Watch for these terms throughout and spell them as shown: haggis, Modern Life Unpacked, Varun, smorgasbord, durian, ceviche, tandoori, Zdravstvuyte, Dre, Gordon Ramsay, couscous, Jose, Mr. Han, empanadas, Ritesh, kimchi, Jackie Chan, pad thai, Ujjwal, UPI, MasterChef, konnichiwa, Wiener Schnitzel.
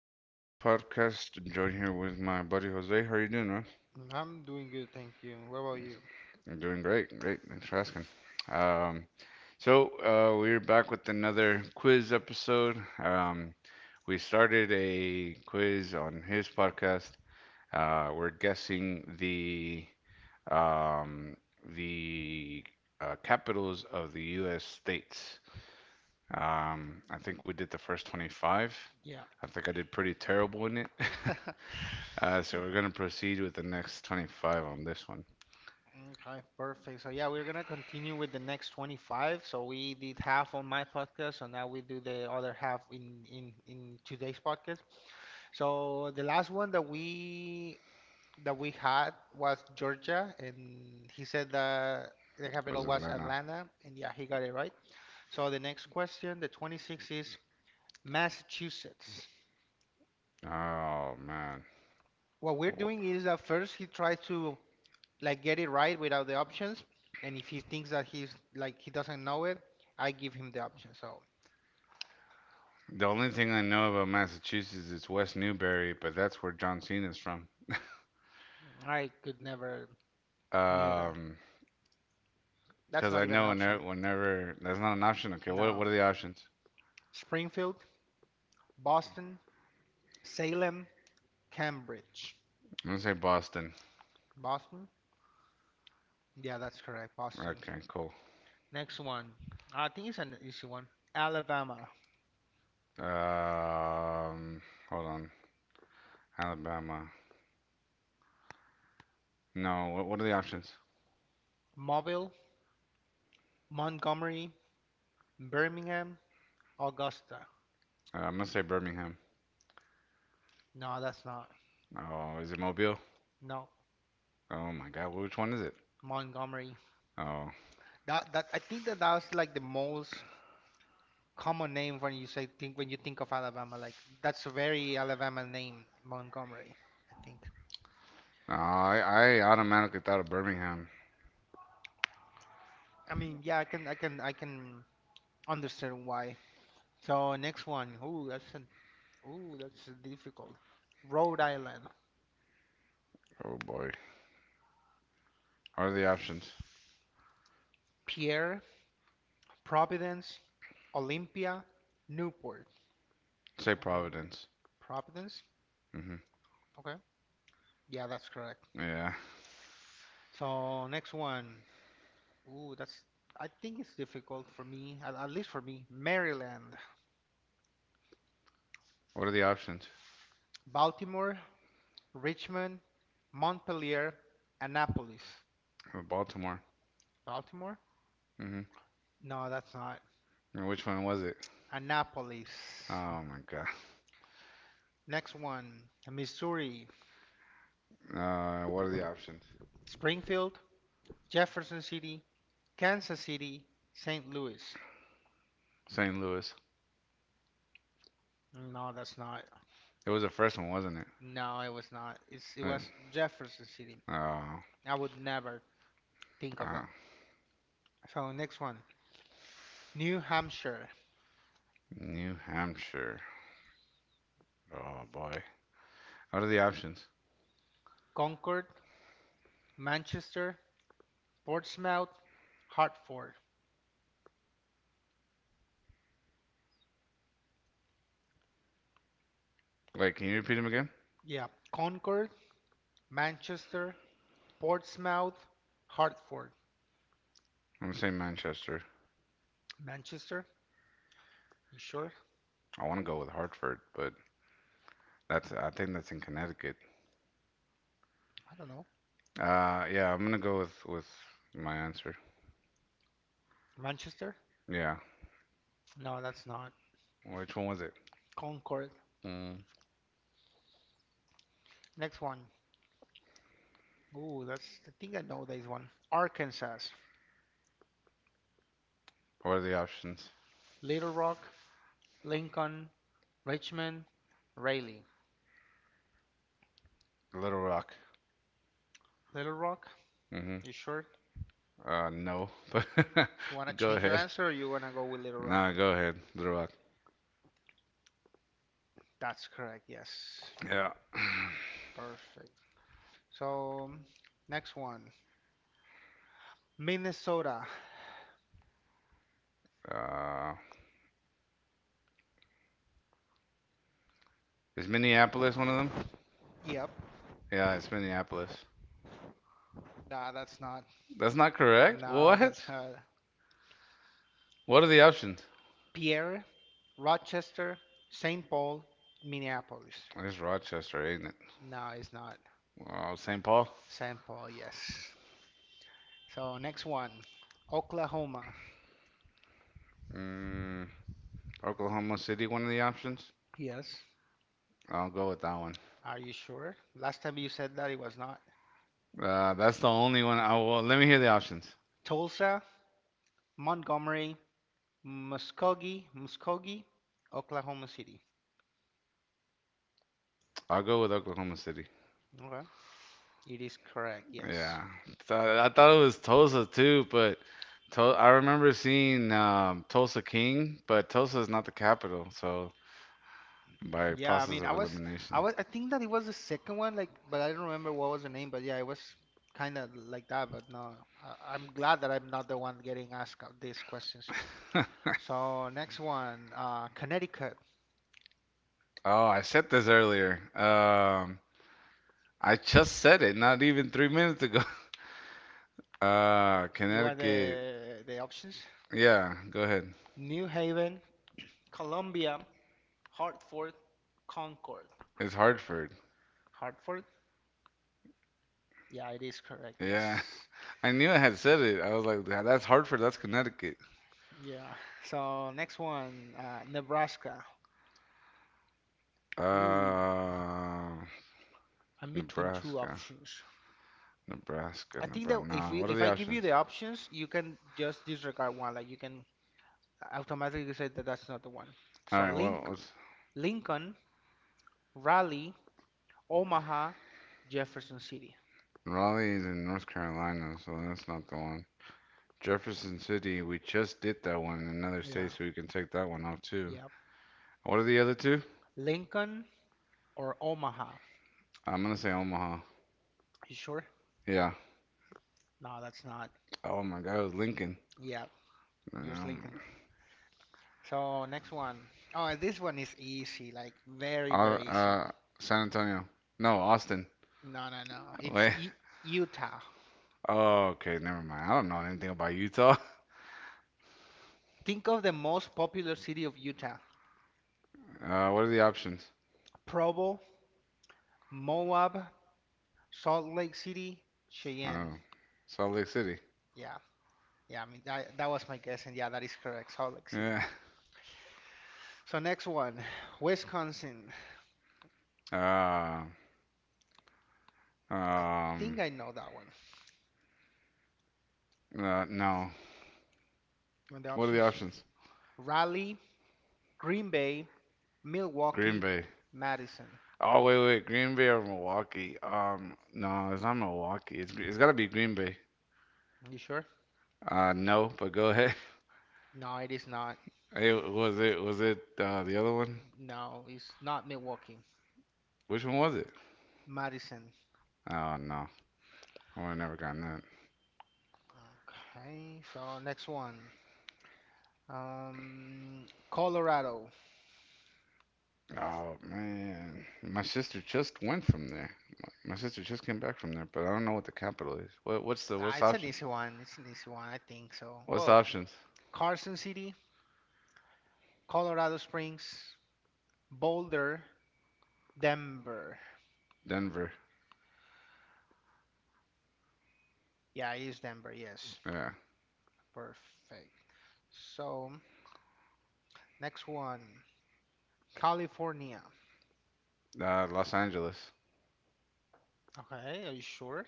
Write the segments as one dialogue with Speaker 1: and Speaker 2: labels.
Speaker 1: another podcast. Joined here with my buddy Jose. How are you doing, man?
Speaker 2: Mm, I'm doing good, thank you. What about you?
Speaker 1: I'm doing great. Great. Thanks for asking. Um, so we're back with another quiz episode. We started a quiz on his podcast. We're guessing um, the capitals of the U.S. states. I think we did the first 25.
Speaker 2: Yeah.
Speaker 1: I think I did pretty terrible in it. So we're gonna proceed with the next 25 on this one.
Speaker 2: Okay, perfect. So yeah, we're gonna continue with the next 25. So we did half on my podcast, so now we do the other half in today's podcast. So the last one that we had was Georgia, and he said that the
Speaker 1: It was
Speaker 2: capital was
Speaker 1: Atlanta.
Speaker 2: Atlanta, and yeah, he got it right. So the next question, the 26th, is Massachusetts.
Speaker 1: Oh man.
Speaker 2: What we're doing
Speaker 1: Wh-
Speaker 2: is that first he tried to like get it right without the options. And if he thinks that he's like he doesn't know it, I give him the option. So
Speaker 1: The only thing I know about Massachusetts is West Newbury, but that's where John Cena's from.
Speaker 2: I could never knew that.
Speaker 1: Um,
Speaker 2: That's
Speaker 1: because
Speaker 2: not
Speaker 1: I
Speaker 2: even an
Speaker 1: know whenever,
Speaker 2: option.
Speaker 1: whenever that's not an option. Okay, what are
Speaker 2: No.
Speaker 1: the options?
Speaker 2: Springfield, Boston, Salem, Cambridge.
Speaker 1: I'm gonna say Boston.
Speaker 2: Boston? Yeah, that's correct. Boston.
Speaker 1: Okay, cool.
Speaker 2: Next one. I think it's an easy one. Alabama,
Speaker 1: Um, Hold on. Alabama. No, what are the options?
Speaker 2: Mobile, Montgomery, Birmingham, Augusta.
Speaker 1: I'm gonna say Birmingham.
Speaker 2: No, that's not.
Speaker 1: Oh, is it Mobile?
Speaker 2: No,
Speaker 1: Oh my God, which one is it?
Speaker 2: Montgomery.
Speaker 1: Oh,
Speaker 2: That I think that that was like the most common name when you think of Alabama. Like that's a very Alabama name, Montgomery, I think.
Speaker 1: no, I automatically thought of Birmingham.
Speaker 2: I mean, yeah, I can understand why. So next one. Ooh, that's difficult. Rhode Island,
Speaker 1: Oh boy. What are the options?
Speaker 2: Pierre, Providence, Olympia, Newport.
Speaker 1: Say
Speaker 2: Olymp-
Speaker 1: Providence.
Speaker 2: Providence?
Speaker 1: Hmm.
Speaker 2: Okay. Yeah, that's correct.
Speaker 1: Yeah.
Speaker 2: So next one. Ooh, that's I think it's difficult for me, at least for me. Maryland,
Speaker 1: What are the options?
Speaker 2: Baltimore, Richmond, Montpelier, Annapolis.
Speaker 1: Baltimore.
Speaker 2: Baltimore?
Speaker 1: Hmm.
Speaker 2: No, that's not.
Speaker 1: And which one was it?
Speaker 2: Annapolis.
Speaker 1: Oh my God.
Speaker 2: Next one, Missouri,
Speaker 1: What are the options?
Speaker 2: Springfield, Jefferson City, Kansas City, St. Louis.
Speaker 1: St. Louis.
Speaker 2: No, that's not.
Speaker 1: It was the first one, wasn't it?
Speaker 2: No, it was not. It
Speaker 1: Wait.
Speaker 2: was Jefferson City.
Speaker 1: Oh,
Speaker 2: I would never think of
Speaker 1: uh,
Speaker 2: that. So next one, New Hampshire,
Speaker 1: New Hampshire. Oh boy. What are the options?
Speaker 2: Concord, Manchester, Portsmouth, Hartford.
Speaker 1: Wait, can you repeat them again?
Speaker 2: Yeah, Concord, Manchester, Portsmouth, Hartford,
Speaker 1: I'm gonna say Manchester.
Speaker 2: Manchester. You sure?
Speaker 1: I want to go with Hartford, but that's I think that's in Connecticut.
Speaker 2: I don't know.
Speaker 1: Yeah, I'm gonna go with my answer.
Speaker 2: Manchester?
Speaker 1: Yeah.
Speaker 2: No, that's not.
Speaker 1: Which one was it?
Speaker 2: Concord.
Speaker 1: Mm.
Speaker 2: Next one. Ooh, that's. I think I know this one. Arkansas,
Speaker 1: What are the options?
Speaker 2: Little Rock, Lincoln, Richmond, Raleigh.
Speaker 1: Little Rock.
Speaker 2: Little Rock.
Speaker 1: Mm-hmm.
Speaker 2: You sure?
Speaker 1: No. But
Speaker 2: You wanna
Speaker 1: go
Speaker 2: change your
Speaker 1: ahead.
Speaker 2: answer, or you wanna go with Little Rock?
Speaker 1: Nah, go ahead. Little Rock.
Speaker 2: That's correct. Yes.
Speaker 1: Yeah.
Speaker 2: Perfect. So next one. Minnesota.
Speaker 1: Uh, is Minneapolis one of them?
Speaker 2: Yep.
Speaker 1: Yeah, it's Minneapolis.
Speaker 2: Nah, that's not.
Speaker 1: That's not correct.
Speaker 2: No,
Speaker 1: What?
Speaker 2: that's not.
Speaker 1: What are the options?
Speaker 2: Pierre, Rochester, St. Paul, Minneapolis.
Speaker 1: It's Rochester, ain't it?
Speaker 2: No, it's not.
Speaker 1: Oh, St. Paul.
Speaker 2: St. Paul, yes. So next one, Oklahoma.
Speaker 1: Mm, Oklahoma City. One of the options.
Speaker 2: Yes.
Speaker 1: I'll go with that one.
Speaker 2: Are you sure? Last time you said that it was not.
Speaker 1: That's the only one. I will. Let me hear the options.
Speaker 2: Tulsa, Montgomery, Muskogee, Oklahoma City.
Speaker 1: I'll go with Oklahoma City.
Speaker 2: Okay. It is correct. Yes.
Speaker 1: Yeah. So, I thought it was Tulsa too, but Tul I remember seeing Tulsa King, but Tulsa is not the capital, so by
Speaker 2: Yeah, I
Speaker 1: process
Speaker 2: mean, I
Speaker 1: of
Speaker 2: was I
Speaker 1: elimination.
Speaker 2: was I think that it was the second one like but I don't remember what was the name, but yeah, it was kind of like that, but no. I'm glad that I'm not the one getting asked these questions. So next one, Connecticut.
Speaker 1: Oh, I said this earlier. I just said it not even 3 minutes ago.
Speaker 2: You want
Speaker 1: Connecticut.
Speaker 2: the options?
Speaker 1: Yeah, go ahead.
Speaker 2: New Haven, Columbia, Hartford, Concord.
Speaker 1: It's Hartford.
Speaker 2: Hartford? Yeah, it is correct. Yes.
Speaker 1: Yeah, I knew I had said it. I was like, "Yeah, that's Hartford. That's Connecticut."
Speaker 2: Yeah. So next one, Nebraska. Ooh,
Speaker 1: Uh,
Speaker 2: I'm between two
Speaker 1: Nebraska,
Speaker 2: options.
Speaker 1: Nebraska,
Speaker 2: I think that
Speaker 1: Nebraska. No, what are
Speaker 2: if
Speaker 1: the
Speaker 2: I give you
Speaker 1: options?
Speaker 2: the options, you can just disregard one. Like you can automatically say that that's not the one.
Speaker 1: All
Speaker 2: So
Speaker 1: right, well,
Speaker 2: Link Lincoln, Raleigh, Omaha, Jefferson City.
Speaker 1: Raleigh is in North Carolina, so that's not the one. Jefferson City, we just did that one in another state,
Speaker 2: Yeah.
Speaker 1: so we can take that one off too.
Speaker 2: Yep.
Speaker 1: What are the other two?
Speaker 2: Lincoln or Omaha?
Speaker 1: I'm gonna say Omaha.
Speaker 2: You sure?
Speaker 1: Yeah.
Speaker 2: No, that's not.
Speaker 1: Oh my God, it was Lincoln.
Speaker 2: Yeah, it was
Speaker 1: Um,
Speaker 2: Lincoln. So next one. Oh, this one is easy, like
Speaker 1: uh,
Speaker 2: very, very easy.
Speaker 1: uh, San Antonio. No, Austin.
Speaker 2: No, no, no. It's
Speaker 1: Wait.
Speaker 2: U Utah.
Speaker 1: Oh, okay, never mind. I don't know anything about Utah.
Speaker 2: Think of the most popular city of Utah.
Speaker 1: What are the options?
Speaker 2: Provo, Moab, Salt Lake City, Cheyenne.
Speaker 1: Oh, Salt Lake City.
Speaker 2: Yeah. Yeah, I mean that was my guess, and yeah, that is correct. Salt Lake City.
Speaker 1: Yeah.
Speaker 2: So next one, Wisconsin.
Speaker 1: Uh,
Speaker 2: I
Speaker 1: um,
Speaker 2: think I know that one.
Speaker 1: no.
Speaker 2: On the
Speaker 1: What are
Speaker 2: options,
Speaker 1: the options?
Speaker 2: Raleigh, Green Bay,
Speaker 1: Green
Speaker 2: Milwaukee,
Speaker 1: Bay.
Speaker 2: Madison.
Speaker 1: Oh, wait, wait. Green Bay or Milwaukee? No, it's not Milwaukee. It's gotta be Green Bay.
Speaker 2: You sure?
Speaker 1: No, but go ahead.
Speaker 2: No, it is not.
Speaker 1: Hey, was it the other one?
Speaker 2: No, it's not Milwaukee.
Speaker 1: Which one was it?
Speaker 2: Madison.
Speaker 1: Oh no, I would have never gotten that.
Speaker 2: Okay, so next one. Colorado.
Speaker 1: Oh man, my sister just went from there. My sister just came back from there, but I don't know what the capital is. What what's the
Speaker 2: Ah,
Speaker 1: what's the
Speaker 2: it's an
Speaker 1: options?
Speaker 2: easy one. It's an easy one, I think so.
Speaker 1: What's the
Speaker 2: Whoa.
Speaker 1: options?
Speaker 2: Carson City, Colorado Springs, Boulder, Denver.
Speaker 1: Denver.
Speaker 2: Yeah, it is Denver, yes.
Speaker 1: Yeah.
Speaker 2: Perfect. So, next one. California.
Speaker 1: Los Angeles.
Speaker 2: Okay, are you sure?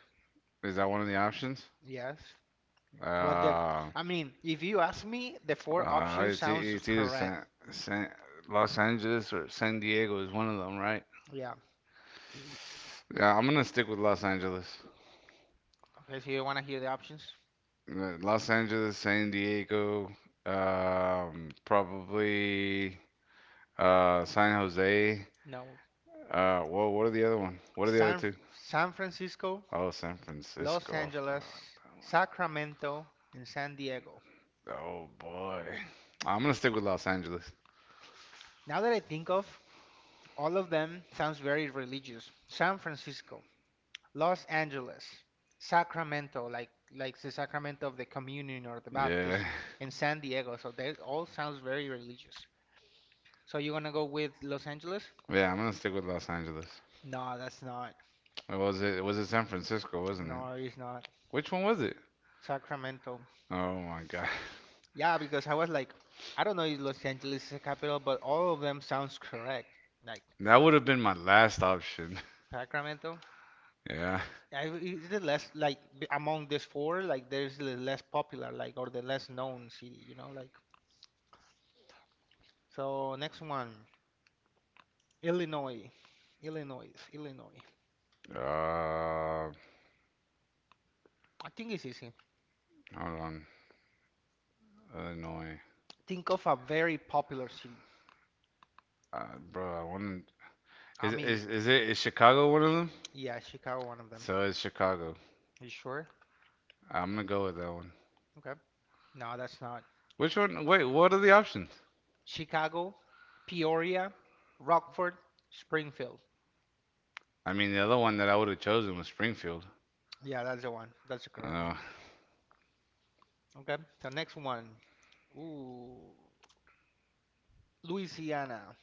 Speaker 1: Is that one of the options?
Speaker 2: Yes. What the?
Speaker 1: Uh,
Speaker 2: I mean, if you ask me, the four
Speaker 1: uh,
Speaker 2: options
Speaker 1: it's,
Speaker 2: sounds
Speaker 1: e- it's either
Speaker 2: correct.
Speaker 1: San, Los Angeles or San Diego is one of them, right?
Speaker 2: Yeah.
Speaker 1: Yeah, I'm gonna stick with Los Angeles.
Speaker 2: Okay, so you want to hear the options?
Speaker 1: Los Angeles, San Diego, probably San Jose.
Speaker 2: No.
Speaker 1: Well, what are the other one? What are the other
Speaker 2: San
Speaker 1: two?
Speaker 2: San Francisco,
Speaker 1: Oh, San
Speaker 2: Los
Speaker 1: Francisco. I forgot
Speaker 2: Angeles,
Speaker 1: about
Speaker 2: Sacramento, and San Diego.
Speaker 1: that one. Oh boy, I'm gonna stick with Los Angeles.
Speaker 2: Now that I think of, all of them sounds very religious. San Francisco, Los Angeles, Sacramento, like the sacrament of the communion or the
Speaker 1: Yeah,
Speaker 2: baptism, and San Diego. So that all sounds very religious. So you want to go with Los Angeles?
Speaker 1: yeah, I'm gonna stick with Los Angeles.
Speaker 2: No, that's not.
Speaker 1: It was it was it San Francisco, wasn't it?
Speaker 2: No, it's not.
Speaker 1: Which one was it?
Speaker 2: Sacramento.
Speaker 1: Oh my God.
Speaker 2: Yeah, because I was like, I don't know if Los Angeles is the capital, but all of them sounds correct. Like
Speaker 1: That would have been my last option.
Speaker 2: Sacramento.
Speaker 1: Yeah.
Speaker 2: It's the less like among these four, like there's the less popular, like or the less known city, like. So next one, Illinois, Illinois.
Speaker 1: Uh,
Speaker 2: I think it's easy.
Speaker 1: Hold on. Illinois.
Speaker 2: Think of a very popular city.
Speaker 1: Uh, Bro, I want to.
Speaker 2: I mean,
Speaker 1: Is it is Chicago one of them?
Speaker 2: yeah, Chicago, one of them.
Speaker 1: So it's Chicago.
Speaker 2: You sure?
Speaker 1: I'm gonna go with that one.
Speaker 2: Okay. No, that's not.
Speaker 1: Which one? Wait, what are the options?
Speaker 2: Chicago, Peoria, Rockford, Springfield.
Speaker 1: I mean, the other one that I would have chosen was Springfield.
Speaker 2: Yeah, that's the one. That's the correct one.
Speaker 1: Uh,
Speaker 2: Okay. So next one. Ooh, Louisiana.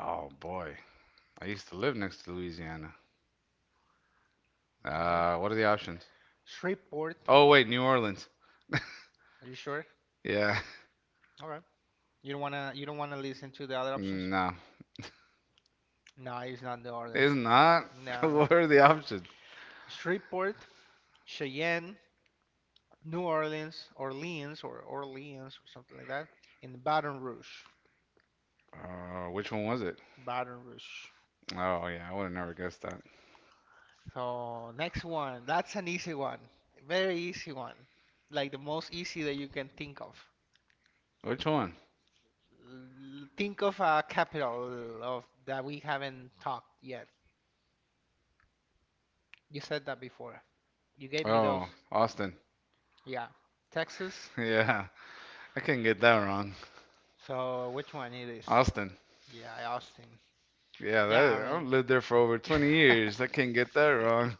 Speaker 1: oh boy, I used to live next to Louisiana.
Speaker 2: Okay.
Speaker 1: What are the options?
Speaker 2: Shreveport.
Speaker 1: Oh wait, New Orleans.
Speaker 2: Are you sure?
Speaker 1: Yeah,
Speaker 2: All right. You don't wanna listen to the other options?
Speaker 1: no,
Speaker 2: No, it's not New
Speaker 1: it's
Speaker 2: Orleans.
Speaker 1: not.
Speaker 2: No.
Speaker 1: What are the options?
Speaker 2: Shreveport, Cheyenne, New Orleans, Orleans or Orleans or something like that. And Baton Rouge.
Speaker 1: Oh, which one was it?
Speaker 2: Baton Rouge.
Speaker 1: Oh, yeah, I would have never guessed that.
Speaker 2: So next one, that's an easy one, very easy one, like the most easy that you can think of.
Speaker 1: Which one?
Speaker 2: L- Think of a capital of that we haven't talked yet. You said that before. You gave me those.
Speaker 1: Oh, Austin.
Speaker 2: Yeah, Texas.
Speaker 1: Yeah, I can't get that wrong.
Speaker 2: So which one it is?
Speaker 1: Austin.
Speaker 2: Yeah, Austin.
Speaker 1: Yeah,
Speaker 2: Yeah,
Speaker 1: that
Speaker 2: I
Speaker 1: I've lived
Speaker 2: mean,
Speaker 1: there for over 20 years. I can't get that wrong.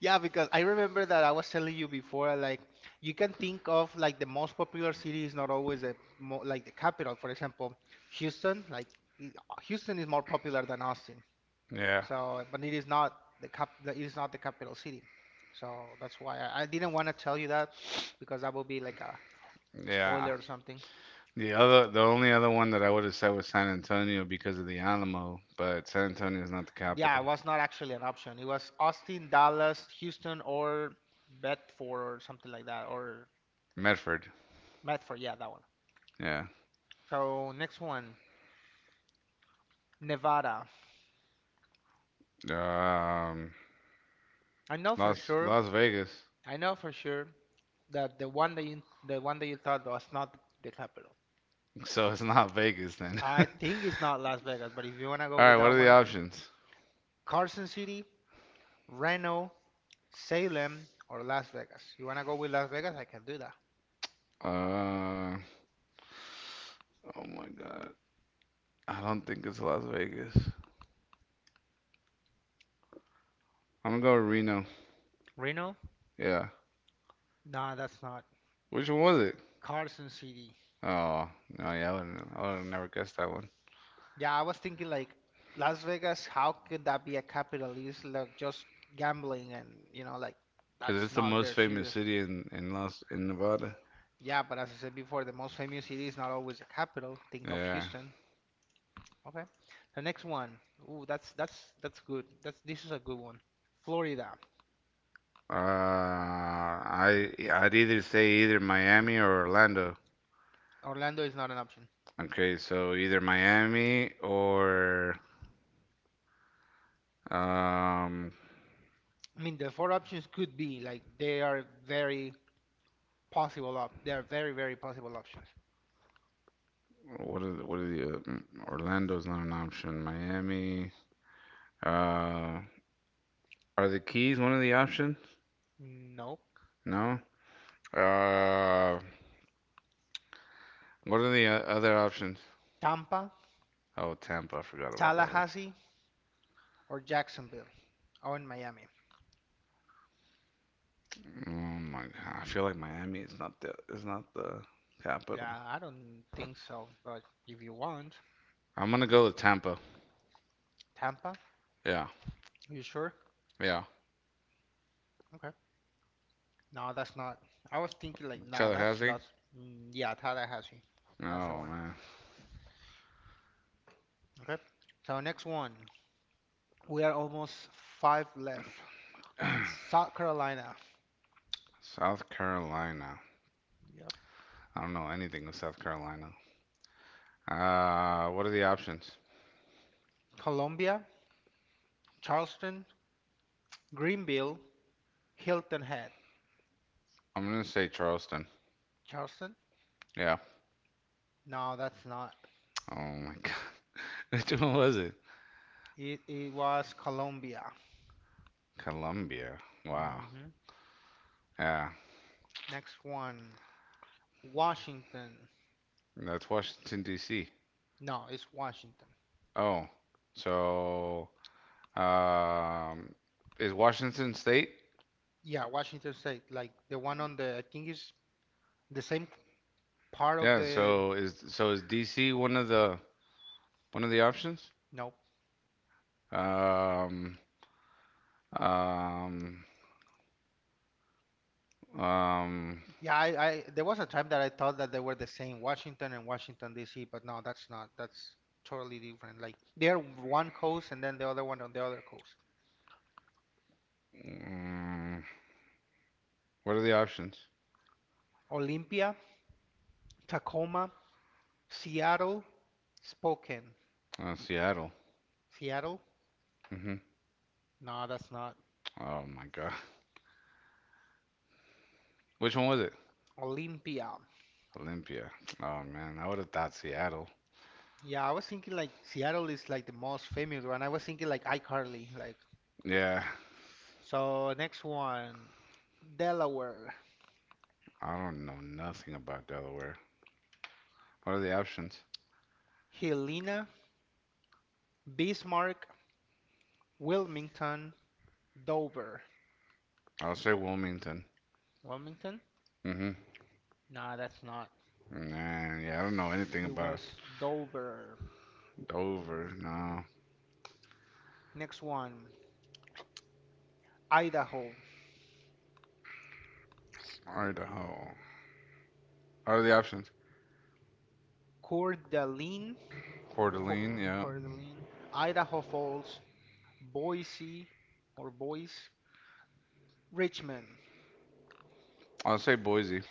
Speaker 2: Yeah, because I remember that I was telling you before, like you can think of like the most popular city is not always the mo like the capital. For example, Houston, like i- Houston is more popular than Austin.
Speaker 1: Yeah,
Speaker 2: So, but it is not it is not the capital city. So that's why I didn't want to tell you that because that would be like a
Speaker 1: yeah.
Speaker 2: spoiler or something.
Speaker 1: The only other one that I would have said was San Antonio because of the Alamo, but San Antonio is not the
Speaker 2: Yeah, it
Speaker 1: capital.
Speaker 2: was not actually an option. It was Austin, Dallas, Houston, or Bedford or something like that, or
Speaker 1: Medford.
Speaker 2: Medford. Yeah, that one.
Speaker 1: Yeah.
Speaker 2: So next one. Nevada.
Speaker 1: Um,
Speaker 2: I know for
Speaker 1: Las
Speaker 2: sure.
Speaker 1: Las Vegas.
Speaker 2: I know for sure that the one that you thought was not the capital.
Speaker 1: So it's not Vegas then.
Speaker 2: I
Speaker 1: All
Speaker 2: think it's not Las Vegas, but if you wanna go with
Speaker 1: right, what
Speaker 2: that
Speaker 1: are the
Speaker 2: one,
Speaker 1: options?
Speaker 2: Carson City, Reno, Salem, or Las Vegas. You wanna go with Las Vegas? I can do that.
Speaker 1: Uh, oh my God. I don't think it's Las Vegas. I'm gonna go with Reno.
Speaker 2: Reno?
Speaker 1: Yeah.
Speaker 2: Nah, that's not
Speaker 1: Which one was it?
Speaker 2: Carson City.
Speaker 1: Oh, no, yeah, I would have never guessed that one.
Speaker 2: Yeah, I was thinking like Las Vegas. How could that be a capital? It's like just gambling, and like
Speaker 1: Because
Speaker 2: that's
Speaker 1: it's the
Speaker 2: not
Speaker 1: most
Speaker 2: very
Speaker 1: famous
Speaker 2: serious.
Speaker 1: city in Nevada.
Speaker 2: Yeah, but as I said before, the most famous city is not always the capital. Think of
Speaker 1: Yeah.
Speaker 2: Houston. Okay. The next one. Ooh, that's good. That's this is a good one. Florida.
Speaker 1: I'd either say either Miami or Orlando.
Speaker 2: Orlando is not an option.
Speaker 1: Okay, so either Miami or, um,
Speaker 2: I mean, the four options could be like they are very possible op. They are very very possible options.
Speaker 1: what are the, mm, Orlando's not an option. Miami, uh, are the keys one of the options?
Speaker 2: No.
Speaker 1: No. Uh, what are the other options?
Speaker 2: Tampa,
Speaker 1: Oh, Tampa. I forgot about that one.
Speaker 2: Tallahassee, or Jacksonville, or in Miami.
Speaker 1: Oh my God. I feel like Miami is not the capital.
Speaker 2: Yeah, I don't think so. But if you want,
Speaker 1: I'm gonna go with Tampa.
Speaker 2: Tampa,
Speaker 1: Yeah,
Speaker 2: you sure?
Speaker 1: yeah.
Speaker 2: Okay. No, that's not. I was thinking like, nah,
Speaker 1: Tallahassee.
Speaker 2: that's yeah, Tadahashi. That's the
Speaker 1: Oh
Speaker 2: one.
Speaker 1: man.
Speaker 2: Okay. So next one, we are almost five left. South Carolina,
Speaker 1: South Carolina.
Speaker 2: yep.
Speaker 1: I don't know anything of South Carolina. What are the options?
Speaker 2: Columbia, Charleston, Greenville, Hilton Head.
Speaker 1: I'm gonna say Charleston.
Speaker 2: Charleston?
Speaker 1: Yeah.
Speaker 2: No, that's not.
Speaker 1: Oh my God. Which one was it?
Speaker 2: It was Columbia.
Speaker 1: Columbia. Wow.
Speaker 2: Hmm.
Speaker 1: Yeah.
Speaker 2: Next one, Washington.
Speaker 1: That's Washington, D.C.
Speaker 2: No, it's Washington.
Speaker 1: Oh, so um, is Washington State?
Speaker 2: Yeah, Washington State. Like the one on the, I think is the same part of
Speaker 1: Yeah.
Speaker 2: the.
Speaker 1: So is D.C. One of the options?
Speaker 2: No,
Speaker 1: Um, um, um,
Speaker 2: yeah, I there was a time that I thought that they were the same, Washington and Washington D.C., but no, that's not. That's totally different. Like they're one coast and then the other one on the other coast.
Speaker 1: mm, what are the options?
Speaker 2: Olympia, Tacoma, Seattle, Spokane.
Speaker 1: Seattle.
Speaker 2: Seattle?
Speaker 1: Hmm.
Speaker 2: No, that's not.
Speaker 1: Oh my God. Which one was it?
Speaker 2: Olympia.
Speaker 1: Olympia. Oh man, I would have thought Seattle.
Speaker 2: Yeah, I was thinking like Seattle is like the most famous one. I was thinking like iCarly. Like
Speaker 1: Yeah.
Speaker 2: so, next one, Delaware,
Speaker 1: I don't know nothing about Delaware. What are the options?
Speaker 2: Helena, Bismarck, Wilmington, Dover.
Speaker 1: I'll say Wilmington.
Speaker 2: Wilmington?
Speaker 1: Mm-hmm.
Speaker 2: No, that's not.
Speaker 1: Nah, yeah, I don't know anything
Speaker 2: It
Speaker 1: about
Speaker 2: was Dover.
Speaker 1: Dover. No,
Speaker 2: Next one, Idaho.
Speaker 1: Idaho. What are the options?
Speaker 2: Coeur d'Alene,
Speaker 1: Coeur
Speaker 2: Co-
Speaker 1: d'Alene, yeah.
Speaker 2: Coeur d'Alene, Idaho Falls, Boise or Boise, Richmond.
Speaker 1: I'll say Boise.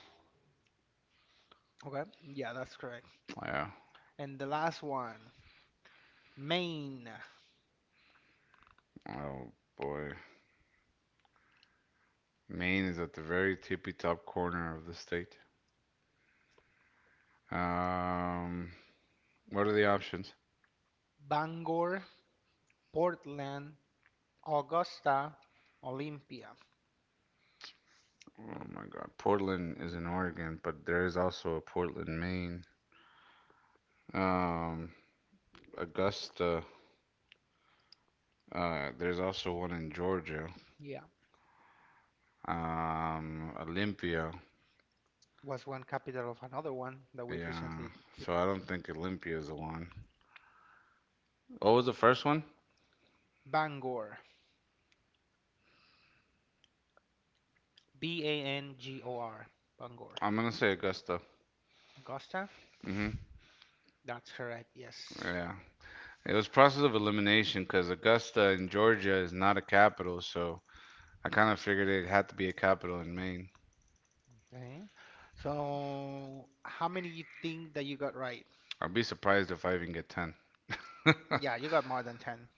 Speaker 2: Okay, yeah, that's correct.
Speaker 1: Yeah.
Speaker 2: And the last one, Maine,
Speaker 1: Oh boy, Maine is at the very tippy top corner of the state. Um, what are the options?
Speaker 2: Bangor, Portland, Augusta, Olympia.
Speaker 1: Oh my God, Portland is in Oregon, but there is also a Portland, Maine. Um, Augusta. There's also one in Georgia.
Speaker 2: Yeah,
Speaker 1: Olympia.
Speaker 2: was one capital of another one that we
Speaker 1: Yeah.
Speaker 2: recently did.
Speaker 1: So I don't think Olympia is the one. What was the first one?
Speaker 2: Bangor, B A N G O R, Bangor.
Speaker 1: I'm gonna say Augusta.
Speaker 2: Augusta,
Speaker 1: Hmm.
Speaker 2: that's correct, yes.
Speaker 1: Yeah. It was process of elimination because Augusta in Georgia is not a capital, so I kind of figured it had to be a capital in Maine.
Speaker 2: Okay. So, how many you think that you got right?
Speaker 1: I'd be surprised if I even get 10.
Speaker 2: Yeah, you got more than 10.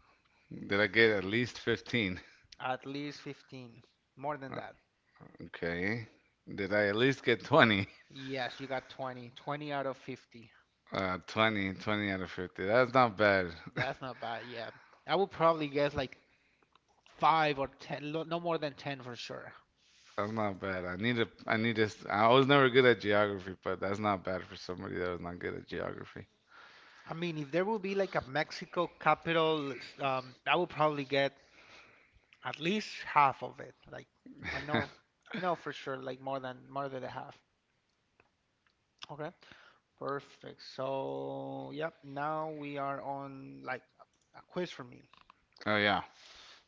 Speaker 1: Did I get at least 15?
Speaker 2: At least 15. More than
Speaker 1: Uh,
Speaker 2: that.
Speaker 1: Okay. Did I at least get 20?
Speaker 2: Yes, you got 20. 20 out of 50.
Speaker 1: 20 20 out of 50. That's not bad.
Speaker 2: That's not bad, yeah. I would probably guess like 5 or 10, no more than 10 for sure.
Speaker 1: That's not bad. I need this. I was never good at geography, but that's not bad for somebody that was not good at geography.
Speaker 2: I mean, if there would be like a Mexico capital, I would probably get at least half of it. Like, I know, I know for sure, like more than the half. Okay. Perfect. So, yep, now we are on like a quiz for me.
Speaker 1: Oh yeah.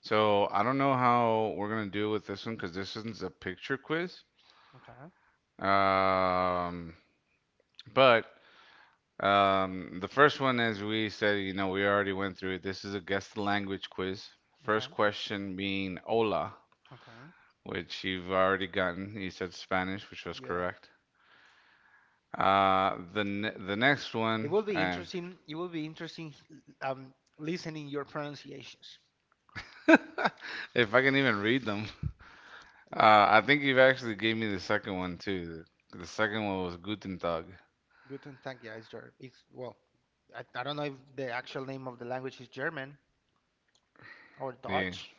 Speaker 1: So I don't know how we're gonna do with this one because this isn't a picture quiz.
Speaker 2: Okay,
Speaker 1: Um, but the first one, as we said, we already went through it. This is a guess the language quiz. First
Speaker 2: okay.
Speaker 1: question being "Hola,"
Speaker 2: Okay.
Speaker 1: which you've already gotten. You said Spanish, which was
Speaker 2: Yeah.
Speaker 1: correct. The next
Speaker 2: It
Speaker 1: one,
Speaker 2: will be
Speaker 1: and
Speaker 2: interesting. It will be interesting um listening your pronunciations.
Speaker 1: if I can even read them, uh, I think you've actually gave me the second one too. The second one was Guten Tag.
Speaker 2: Guten Tag, yeah, it's well, I don't know if the actual name of the language is German or
Speaker 1: Yeah.
Speaker 2: Dutch.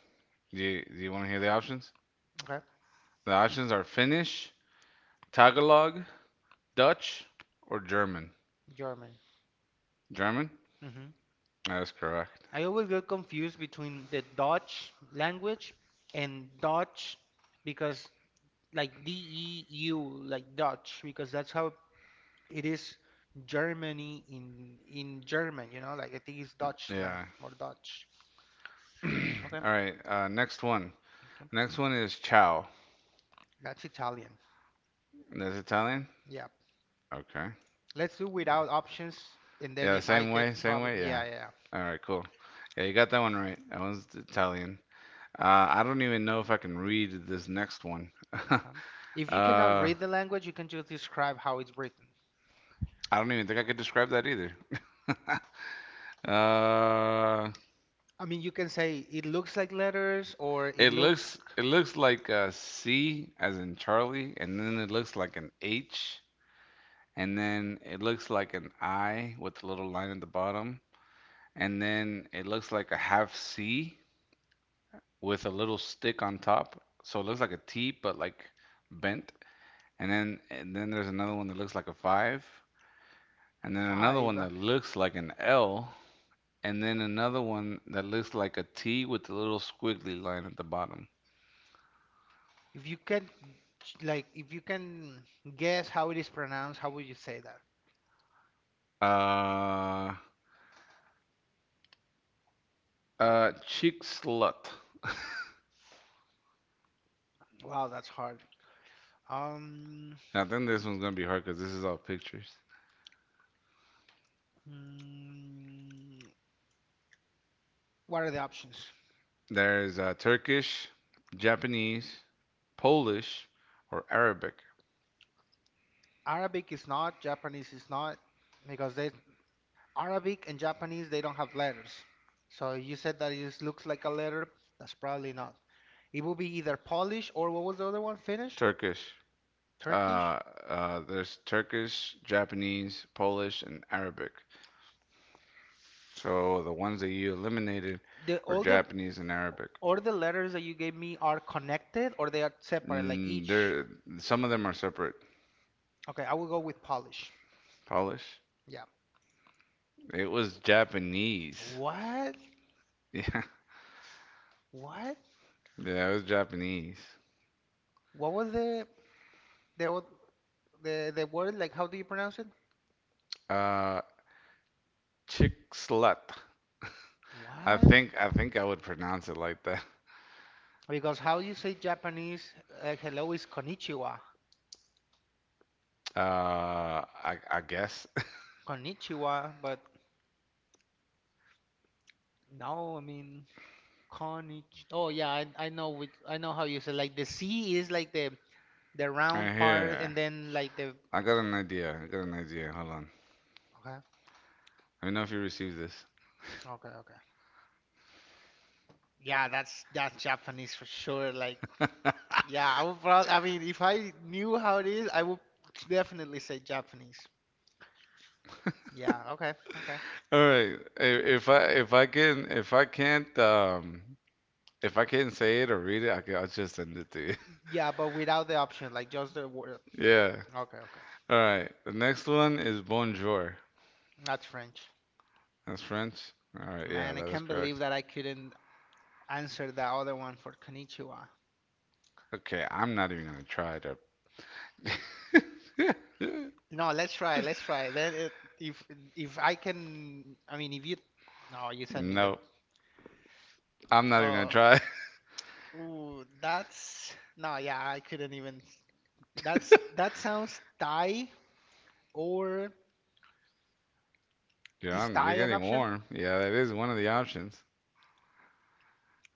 Speaker 1: Do you want to hear the options?
Speaker 2: Okay.
Speaker 1: The options are Finnish, Tagalog, Dutch, or German.
Speaker 2: German.
Speaker 1: German?
Speaker 2: hmm
Speaker 1: That is correct.
Speaker 2: I always get confused between the Dutch language and Dutch because, like, D E U, like Dutch because that's how it is. Germany in German, you know, like, I think it's Dutchland,
Speaker 1: Yeah.
Speaker 2: more Dutch.
Speaker 1: All
Speaker 2: Okay,
Speaker 1: right. Next one.
Speaker 2: okay.
Speaker 1: Next one is ciao.
Speaker 2: That's Italian.
Speaker 1: That's Italian?
Speaker 2: Yeah.
Speaker 1: Okay.
Speaker 2: Let's do without options, and then
Speaker 1: Yeah, the
Speaker 2: if I
Speaker 1: same way,
Speaker 2: get
Speaker 1: same way.
Speaker 2: problem,
Speaker 1: Yeah.
Speaker 2: yeah, yeah, yeah.
Speaker 1: All right, cool. Yeah, you got that one right. That one's Italian. I don't even know if I can read this next one. uh,
Speaker 2: Okay. If you cannot
Speaker 1: I
Speaker 2: read the language, you can just describe how it's written.
Speaker 1: don't even think I could describe that either. Uh,
Speaker 2: I mean, you can say it looks like letters or it
Speaker 1: It
Speaker 2: looks
Speaker 1: looks it looks like a C as in Charlie, and then it looks like an H, and then it looks like an I with a little line at the bottom, and then it looks like a half C with a little stick on top. So it looks like a T but like bent. And then there's another one that looks like a five, and then another
Speaker 2: five.
Speaker 1: one that looks like an L, and then another one that looks like a T with a little squiggly line at the bottom.
Speaker 2: If you can, like, if you can guess how it is pronounced, how would you say that?
Speaker 1: Uh, Cheek Slut.
Speaker 2: Wow, that's hard. Um,
Speaker 1: I think this one's gonna be hard because this is all pictures.
Speaker 2: mm, What are the options?
Speaker 1: There's Turkish, Japanese, Polish, or Arabic.
Speaker 2: Arabic is not, Japanese is not, because they, Arabic and Japanese, they don't have letters. So you said that it just looks like a letter. That's probably not. It will be either Polish or what was the other one? Finnish?
Speaker 1: Turkish. Uh,
Speaker 2: Turkish?
Speaker 1: there's Turkish, Japanese, Polish, and Arabic. So the ones that you eliminated
Speaker 2: The
Speaker 1: were
Speaker 2: all the
Speaker 1: Japanese and Arabic.
Speaker 2: or the letters that you gave me are connected or they are separate, like each.
Speaker 1: There, some of them are separate.
Speaker 2: Okay, I will go with Polish.
Speaker 1: Polish.
Speaker 2: Yeah.
Speaker 1: It was Japanese.
Speaker 2: What? What?
Speaker 1: Yeah, yeah, it was Japanese.
Speaker 2: What was the the the word? Like, how do you pronounce it?
Speaker 1: Uh, chick slut. I
Speaker 2: What?
Speaker 1: think I think I would pronounce it like that.
Speaker 2: Because how you say Japanese, hello is konnichiwa.
Speaker 1: I guess.
Speaker 2: Konnichiwa, but no, I mean konnichi. Oh yeah, I know which, I know how you say, like, the C is like the round
Speaker 1: Right
Speaker 2: part
Speaker 1: here.
Speaker 2: and then like the
Speaker 1: I got an idea. I got an idea. Hold on.
Speaker 2: okay.
Speaker 1: Let me know if you receive this.
Speaker 2: Okay, okay. Yeah, that's Japanese for sure. Like
Speaker 1: All
Speaker 2: yeah, I would probably, I mean, if I knew how it is, I would definitely say Japanese. Yeah, okay, okay.
Speaker 1: right. If I can't if I can't say it or read it, I can, I'll just send it to you.
Speaker 2: Yeah, but without the option, like just the word.
Speaker 1: Yeah.
Speaker 2: Okay, okay.
Speaker 1: All right. The next one is bonjour.
Speaker 2: That's French.
Speaker 1: That's French. All right. Yeah,
Speaker 2: Man, I
Speaker 1: that is
Speaker 2: can't believe
Speaker 1: correct.
Speaker 2: that I couldn't answer the other one for Konnichiwa.
Speaker 1: Okay, I'm not even gonna try to.
Speaker 2: No, let's try. Let's try. Then it, if if I can, I mean, if you, no, you send me the.
Speaker 1: Nope. I'm not even gonna
Speaker 2: Uh,
Speaker 1: try.
Speaker 2: ooh, that's no, yeah, I couldn't even. That's that sounds Thai or
Speaker 1: You're
Speaker 2: is
Speaker 1: on.
Speaker 2: Thai
Speaker 1: You're
Speaker 2: an
Speaker 1: getting
Speaker 2: option?
Speaker 1: warm. Yeah, that is one of the options.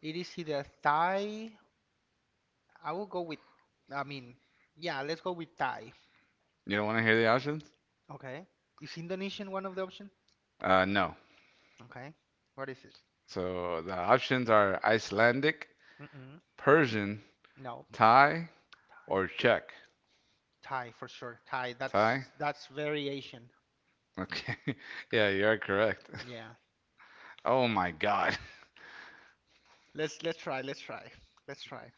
Speaker 2: It is either Thai. I will go with. I mean, yeah, let's go with Thai.
Speaker 1: You don't want to hear the options?
Speaker 2: Okay. Is Indonesian one of the option?
Speaker 1: No.
Speaker 2: Okay. What is it?
Speaker 1: So the options are Icelandic,
Speaker 2: Mm-mm.
Speaker 1: Persian,
Speaker 2: No.
Speaker 1: Thai,
Speaker 2: Thai.
Speaker 1: or Czech.
Speaker 2: Thai for sure. Thai.
Speaker 1: Thai?
Speaker 2: That's very Asian.
Speaker 1: Okay. Yeah, you are correct.
Speaker 2: Yeah.
Speaker 1: Oh my God.
Speaker 2: Let's try. Let's try. Let's try.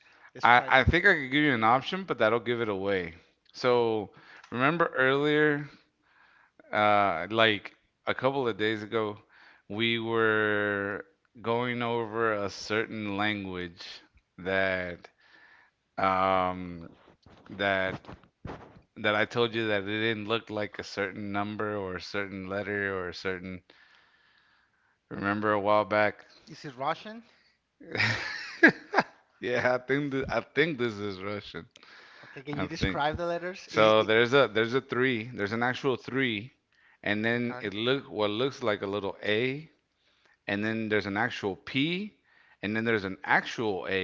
Speaker 2: Describe
Speaker 1: I
Speaker 2: it.
Speaker 1: think I could give you an option, but that'll give it away. So remember earlier, like a couple of days ago, we were going over a certain language that um, that that I told you that it didn't look like a certain number or a certain letter or a certain. Remember a while back?
Speaker 2: Is it Russian?
Speaker 1: Yeah, I think this is Russian.
Speaker 2: Okay. Can you
Speaker 1: I think.
Speaker 2: describe the letters?
Speaker 1: So
Speaker 2: I
Speaker 1: there's a three. There's an actual three, and then
Speaker 2: okay.
Speaker 1: it look what looks like a little A, and then there's an actual P, and then there's an actual A,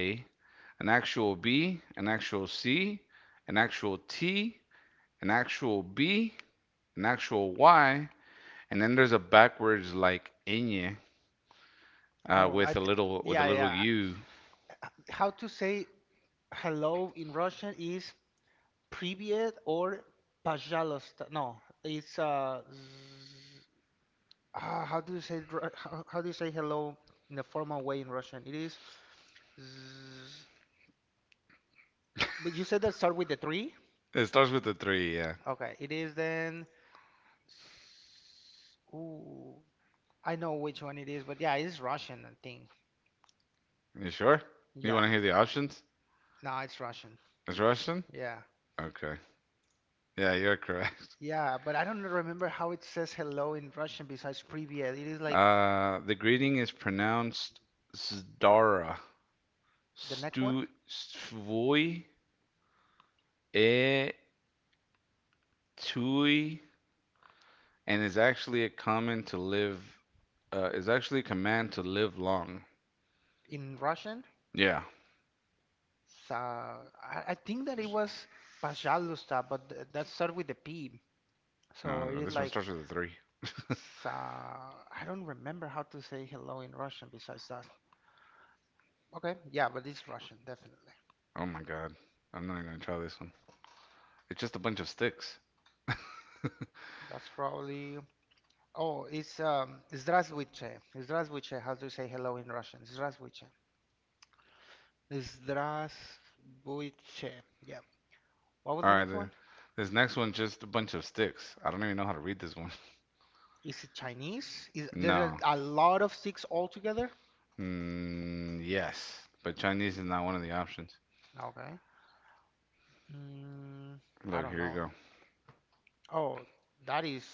Speaker 1: an actual B, an actual C, an actual T, an actual B, an actual Y, and then there's a backwards like ñ
Speaker 2: Oh, I th
Speaker 1: with a
Speaker 2: yeah
Speaker 1: little
Speaker 2: yeah.
Speaker 1: U.
Speaker 2: How to say hello in Russian is привет or пожалуйста. No, it's z- ah, how do you say it ru- how do you say hello in a formal way in Russian? It is. Z- But you said that start with the three.
Speaker 1: It starts with the three. Yeah.
Speaker 2: Okay, it is then ooh, I know which one it is, but yeah, it's Russian, I think.
Speaker 1: You sure? You want
Speaker 2: Yeah,
Speaker 1: to hear the options?
Speaker 2: no, it's Russian.
Speaker 1: It's Russian.
Speaker 2: Yeah,
Speaker 1: Okay. Yeah, you're correct.
Speaker 2: yeah, but I don't remember how it says hello in Russian besides "Привет." It is like
Speaker 1: The greeting is pronounced Zdara.
Speaker 2: the next one
Speaker 1: Stu Svoy E Tui and is actually a common to live is actually a command to live long.
Speaker 2: in Russian.
Speaker 1: Yeah.
Speaker 2: So I think that it was "Пожалуйста," but th that started with the P. So it
Speaker 1: No,
Speaker 2: is
Speaker 1: this one
Speaker 2: like
Speaker 1: starts with a three.
Speaker 2: so, I don't remember how to say hello in Russian besides that. Okay, yeah, but it's Russian, definitely.
Speaker 1: Oh my god. I'm not even gonna try this one. It's just a bunch of sticks.
Speaker 2: That's probably. Oh, it's Zdravstvuyte. Zdravstvuyte. How do you say hello in Russian? Zdravstvuyte. Zdravstvuyte. Yeah. What was the
Speaker 1: Alright,
Speaker 2: next one?
Speaker 1: this next one's just a bunch of sticks. I don't even know how to read this one.
Speaker 2: Is it Chinese? Is there
Speaker 1: No.
Speaker 2: are a lot of six altogether?
Speaker 1: Yes. But Chinese is not one of the options.
Speaker 2: Okay. Mm, I
Speaker 1: Look,
Speaker 2: don't
Speaker 1: here you
Speaker 2: know
Speaker 1: go.
Speaker 2: that. Oh, that is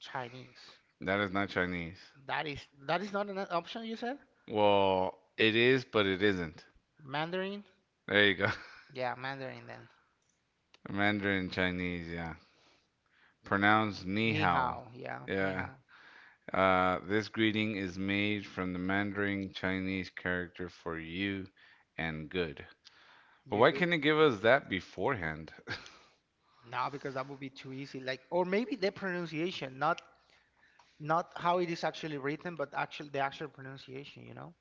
Speaker 2: Chinese.
Speaker 1: That is not Chinese.
Speaker 2: That is not an option you said?
Speaker 1: Well, it is, but it isn't.
Speaker 2: Mandarin?
Speaker 1: There you go.
Speaker 2: Yeah, Mandarin then.
Speaker 1: Mandarin Chinese, yeah. Pronounced ni
Speaker 2: Ni
Speaker 1: hao.
Speaker 2: hao. Yeah, ni
Speaker 1: Yeah.
Speaker 2: hao.
Speaker 1: This greeting is made from the Mandarin Chinese character for you and good.
Speaker 2: You
Speaker 1: Why
Speaker 2: good?
Speaker 1: can't it give us that beforehand?
Speaker 2: No, because that would be too easy. Like, or maybe the pronunciation, not not how it is actually written, but actual the actual pronunciation, you know?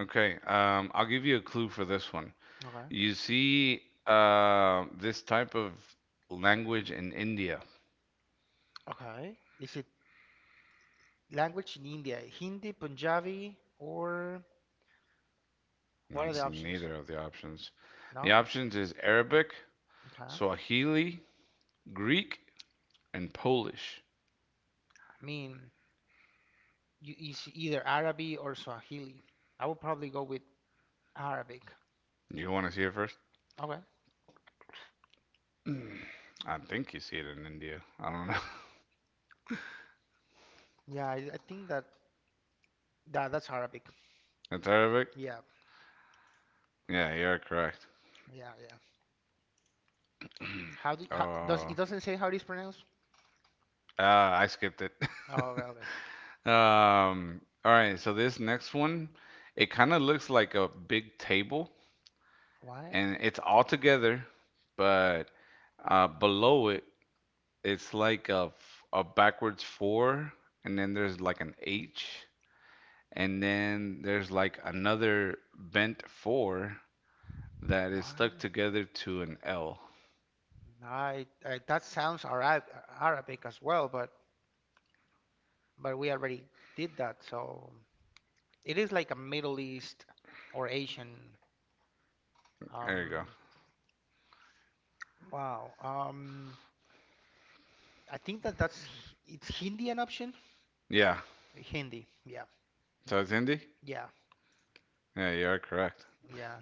Speaker 1: Okay, I'll give you a clue for this one.
Speaker 2: Okay.
Speaker 1: You see, this type of language in India.
Speaker 2: Okay. Is it language in India? Hindi, Punjabi, or what are the
Speaker 1: That's
Speaker 2: options?
Speaker 1: neither of the options. The
Speaker 2: No?
Speaker 1: options is Arabic,
Speaker 2: Okay. I
Speaker 1: Swahili, Greek, and Polish.
Speaker 2: mean, you, is either Arabic or Swahili. I would probably go with Arabic.
Speaker 1: Do you want to see it first?
Speaker 2: Okay.
Speaker 1: I think you see it in India. I don't know.
Speaker 2: Yeah, I think that, that that's Arabic.
Speaker 1: It's Arabic?
Speaker 2: Yeah,
Speaker 1: Yeah, you're correct.
Speaker 2: yeah, yeah. How do how, does it
Speaker 1: Oh,
Speaker 2: doesn't say how it is pronounced?
Speaker 1: I skipped it.
Speaker 2: Oh, okay, okay.
Speaker 1: All right, so this next one, it kind of looks like a big table
Speaker 2: What?
Speaker 1: and it's all together, but below it, it's like a backwards four, and then there's like an H, and then there's like another bent four that is stuck
Speaker 2: What?
Speaker 1: together to an L.
Speaker 2: No, I, that sounds Arab Arabic as well, but we already did that. So it is like a Middle East or Asian.
Speaker 1: There you go.
Speaker 2: Um, wow. I think that that's it's Hindi an option?
Speaker 1: Yeah,
Speaker 2: Hindi. Yeah.
Speaker 1: so it's Hindi?
Speaker 2: Yeah.
Speaker 1: Yeah, you are correct.
Speaker 2: Yeah.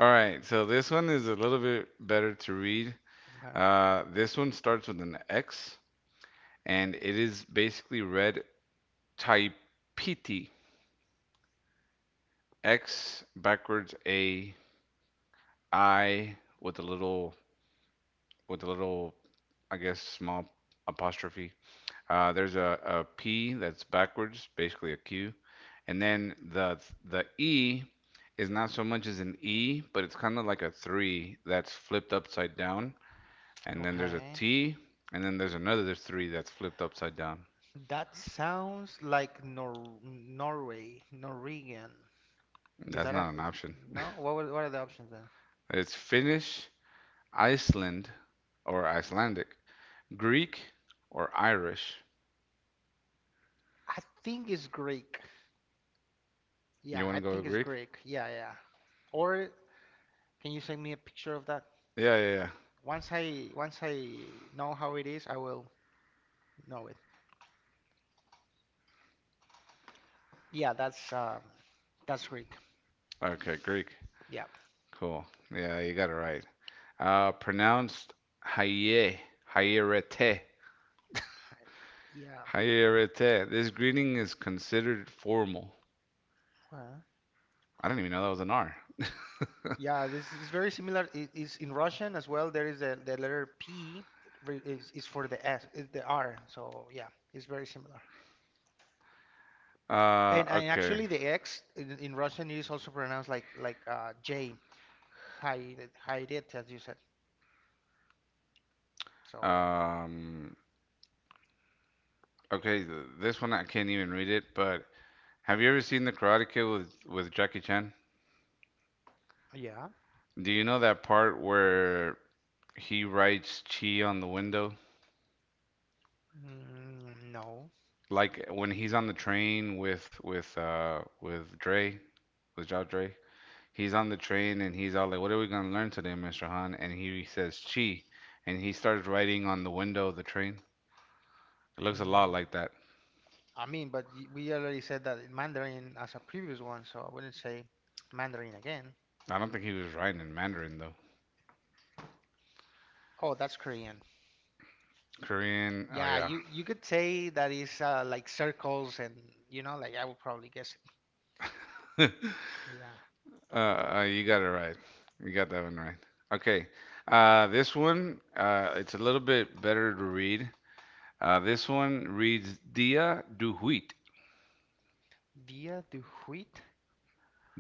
Speaker 1: All right, so this one is a little bit better to read.
Speaker 2: Okay.
Speaker 1: This one starts with an X, and it is basically read Taipiti. X backwards A I with a little with a little I guess small apostrophe. There's a P that's backwards, basically a Q, and then the E is not so much as an E, but it's kind of like a three that's flipped upside down, and then there's a
Speaker 2: Okay.
Speaker 1: T, and then there's another three that's flipped upside down.
Speaker 2: That sounds like Nor Norway, Norwegian. Is
Speaker 1: That's
Speaker 2: that a,
Speaker 1: not an
Speaker 2: is,
Speaker 1: option.
Speaker 2: no? What were, what are the options then?
Speaker 1: It's Finnish, Iceland, Icelandic, Greek, or Irish.
Speaker 2: I think it's Greek.
Speaker 1: You
Speaker 2: Yeah,
Speaker 1: want
Speaker 2: I
Speaker 1: to go with
Speaker 2: think it's
Speaker 1: Greek?
Speaker 2: Greek. Yeah, yeah. Or can you send me a picture of that?
Speaker 1: Yeah, yeah,
Speaker 2: Once I know how it is, I will know it. Yeah, that's Greek.
Speaker 1: yeah. Okay, Greek.
Speaker 2: Yeah,
Speaker 1: Cool. Yeah, you got it right. Pronounced Haye, Hayerete,
Speaker 2: yeah,
Speaker 1: Hayerete. This greeting is considered formal.
Speaker 2: well,
Speaker 1: I didn't even know that was an R.
Speaker 2: yeah. This is very similar. It is in Russian as well. There is the letter P re- is for the S, is the R. So yeah, it's very similar. And
Speaker 1: Okay.
Speaker 2: actually, the X in Russian is also pronounced like J, hide it, as you said. So yeah,
Speaker 1: Um, okay, this one I can't even read it, but have you ever seen The Karate Kid with Jackie Chan?
Speaker 2: yeah.
Speaker 1: Do you know that part where he writes Chi on the window?
Speaker 2: Mm, no.
Speaker 1: Like when he's on the train with Dre, with Ja Dre. He's on the train and he's all like, "What are we gonna learn today, Mr. Han?" And he says Chi, and he starts writing on the window of the train. It looks a lot
Speaker 2: Mm.
Speaker 1: like that.
Speaker 2: I mean, but y- we already said that in Mandarin as a previous one, so I wouldn't say Mandarin again.
Speaker 1: I don't think he was writing in Mandarin though.
Speaker 2: Oh, that's Korean.
Speaker 1: Korean. Oh
Speaker 2: Yeah,
Speaker 1: yeah.
Speaker 2: you could say that is like circles and you know, like I would probably guess it. Yeah.
Speaker 1: You got it right. You got that one right. Okay. This one, it's a little bit better to read. This one reads Dia Duhuit,
Speaker 2: Dia du Huit.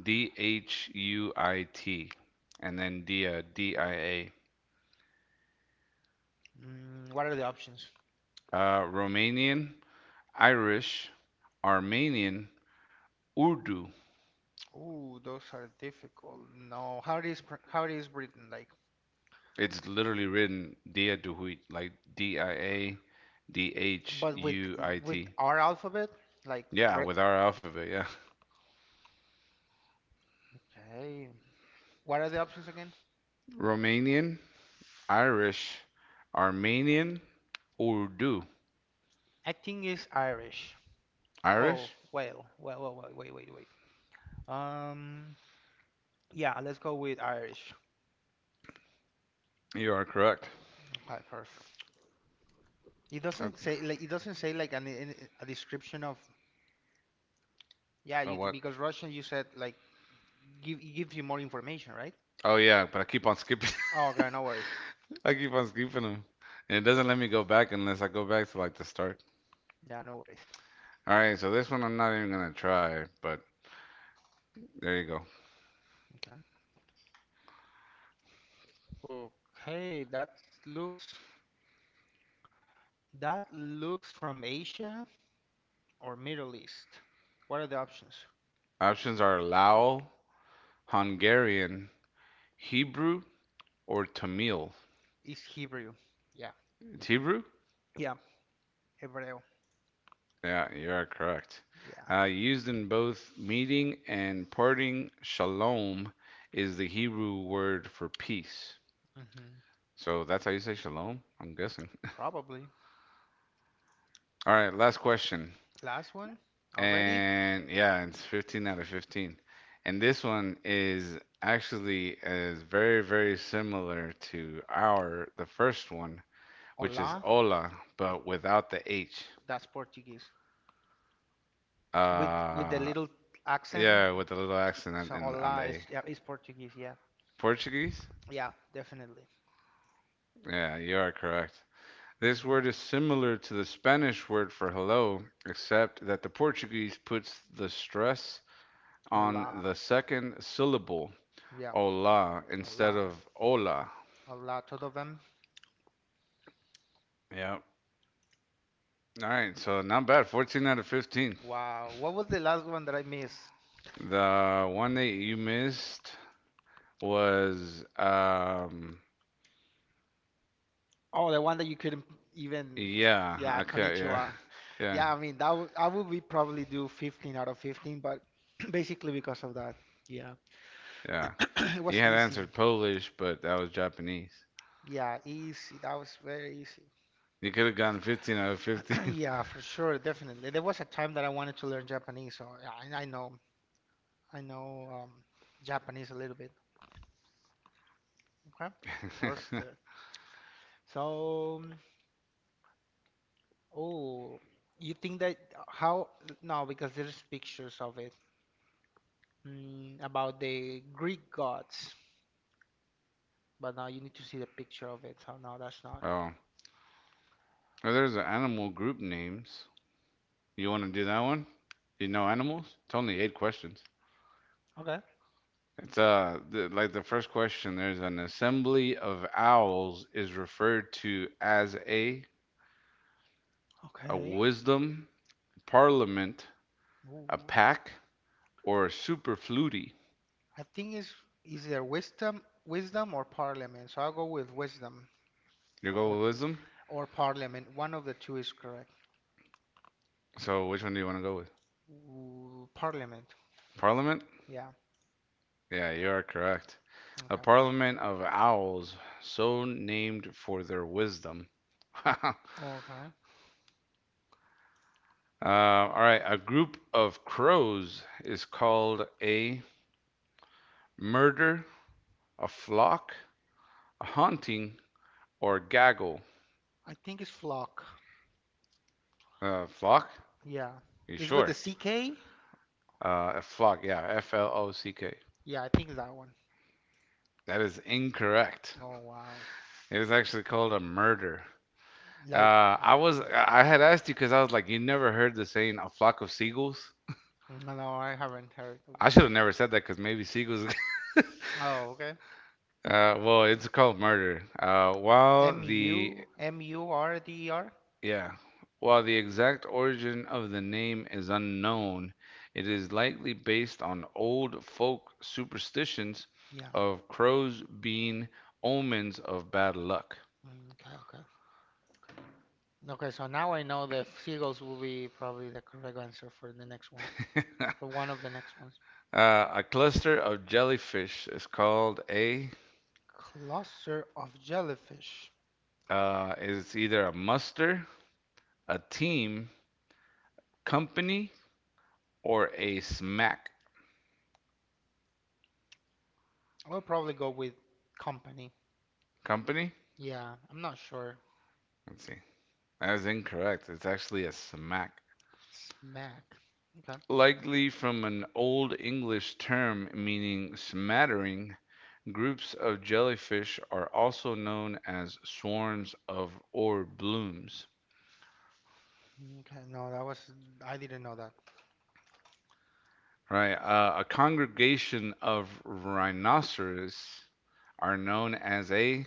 Speaker 1: D H U I T, and then Dia, D I A.
Speaker 2: Mm, what are the options?
Speaker 1: Romanian, Irish, Armenian, Urdu.
Speaker 2: Ooh, those are difficult. No, how it is pr- how it is written like,
Speaker 1: It's literally written Dia Duhuit, like D I A D H
Speaker 2: but
Speaker 1: U I
Speaker 2: with
Speaker 1: T.
Speaker 2: our alphabet like
Speaker 1: Yeah,
Speaker 2: re-
Speaker 1: with our alphabet, yeah.
Speaker 2: okay. What are the options again?
Speaker 1: Romanian, Irish, Armenian, Urdu.
Speaker 2: I think it's Irish. Oh,
Speaker 1: Irish?
Speaker 2: well, well, well, well, wait, wait, wait. Um, yeah, let's go with Irish.
Speaker 1: You are correct.
Speaker 2: Okay, perfect. It
Speaker 1: Uh,
Speaker 2: doesn't say like it doesn't say like an, a description of yeah you,
Speaker 1: what?
Speaker 2: because Russian you said like give it gives you more information, right?
Speaker 1: Oh, yeah, but
Speaker 2: Oh, okay, no worries.
Speaker 1: I keep on skipping them. And it doesn't let me go back unless I go back to like the start.
Speaker 2: Yeah, no worries.
Speaker 1: All right, so this one I'm not even gonna try, but there you go.
Speaker 2: Okay. Okay, looks that looks from Asia or Middle East. What are the options?
Speaker 1: Options are Lao, Hungarian, Hebrew, or Tamil.
Speaker 2: Is Hebrew? Yeah.
Speaker 1: It's Hebrew?
Speaker 2: Yeah. Hebreo.
Speaker 1: Yeah, you are correct.
Speaker 2: Yeah.
Speaker 1: Used in both meeting and parting, shalom is the Hebrew word for peace.
Speaker 2: hmm
Speaker 1: So that's how you say shalom, I'm guessing.
Speaker 2: Probably.
Speaker 1: All right, last question.
Speaker 2: Last one already.
Speaker 1: And yeah, it's 15 out of 15. And this one is very, very similar to our the first one, which is
Speaker 2: Hola.
Speaker 1: hola, but without the H.
Speaker 2: That's Portuguese. With the
Speaker 1: Uh,
Speaker 2: little accent.
Speaker 1: yeah, with a little accent
Speaker 2: So
Speaker 1: on the
Speaker 2: hola is
Speaker 1: A.
Speaker 2: yeah, is Portuguese. Yeah,
Speaker 1: Portuguese?
Speaker 2: yeah, definitely.
Speaker 1: Yeah, you are correct. This
Speaker 2: hmm
Speaker 1: word is similar to the Spanish word for hello, except that the Portuguese puts the stress on
Speaker 2: Hola,
Speaker 1: the second syllable,
Speaker 2: yeah,
Speaker 1: hola, instead
Speaker 2: hola,
Speaker 1: of hola.
Speaker 2: hola, todo bem?
Speaker 1: Yep. All right, so not bad. 14 out of 15.
Speaker 2: Wow, what was the last one that I missed?
Speaker 1: The one that you missed was
Speaker 2: Oh, the one that you couldn't even.
Speaker 1: yeah,
Speaker 2: Yeah,
Speaker 1: okay, yeah.
Speaker 2: konnichiwa.
Speaker 1: Yeah.
Speaker 2: Yeah, I mean that w I would be probably do 15 out of 15, but basically because of that. Yeah,
Speaker 1: Yeah.
Speaker 2: it
Speaker 1: You
Speaker 2: was
Speaker 1: had
Speaker 2: easy.
Speaker 1: answered Polish, but that was Japanese.
Speaker 2: Yeah, easy. That was very easy.
Speaker 1: You could have gotten 15 out of 15.
Speaker 2: Yeah, for sure, definitely. There was a time that I wanted to learn Japanese, so I, I know, I know Japanese a little bit. Okay, perfect. So, oh, you think that how? No, because there's pictures of it about the Greek gods, but now you need to see the picture of it. So no, that's not.
Speaker 1: Oh. Oh, there's the animal group names. You want to do that one? You know animals? It's only eight questions.
Speaker 2: Okay,
Speaker 1: It's like the first question. There's an assembly of owls is referred to as a
Speaker 2: okay.
Speaker 1: wisdom, parliament, a
Speaker 2: Ooh,
Speaker 1: pack, or a superfluity?
Speaker 2: I think it's is there wisdom, wisdom or parliament? So I'll go with wisdom
Speaker 1: You go
Speaker 2: or
Speaker 1: with wisdom?
Speaker 2: or parliament. One of the two is correct.
Speaker 1: So which one do you want to go with?
Speaker 2: Ooh, Parliament.
Speaker 1: Parliament?
Speaker 2: Yeah.
Speaker 1: Yeah, you are correct. A
Speaker 2: Okay. per-
Speaker 1: parliament of owls, so named for their wisdom. uh,
Speaker 2: Okay.
Speaker 1: all right, a group of crows is called a murder, a flock, a haunting, or gaggle.
Speaker 2: I think it's Flock.
Speaker 1: Flock?
Speaker 2: Yeah.
Speaker 1: Are you
Speaker 2: Is with the
Speaker 1: sure?
Speaker 2: CK?
Speaker 1: A flock, yeah, flock.
Speaker 2: Yeah, I think it's that one.
Speaker 1: That is incorrect.
Speaker 2: Oh wow.
Speaker 1: It was actually called a murder.
Speaker 2: Like
Speaker 1: I had asked you because I was like, you never heard the saying a flock of seagulls?
Speaker 2: no, no, I haven't heard of
Speaker 1: I
Speaker 2: that.
Speaker 1: should have never said that because maybe seagulls.
Speaker 2: Oh, okay.
Speaker 1: Well, it's called murder. While
Speaker 2: M
Speaker 1: the
Speaker 2: U M U R D E R?
Speaker 1: yeah, while the exact origin of the name is unknown, it is likely based on old folk superstitions
Speaker 2: Yeah.
Speaker 1: of crows being omens of bad luck.
Speaker 2: Mm, okay, okay. Okay, so now I know that seagulls will be probably the correct answer for the next one. For one of the next ones.
Speaker 1: A cluster of jellyfish is called a
Speaker 2: Cluster of jellyfish.
Speaker 1: It's either a muster, a team, company, or a smack.
Speaker 2: I'll probably go with company.
Speaker 1: Company?
Speaker 2: Yeah, I'm not sure.
Speaker 1: Let's see. That is incorrect. It's actually a smack.
Speaker 2: Smack. Okay. I-
Speaker 1: Likely from an Old English term meaning smattering, groups of jellyfish are also known as swarms of or blooms.
Speaker 2: Okay. No, that was I didn't know that.
Speaker 1: Right? A congregation of rhinoceros are known as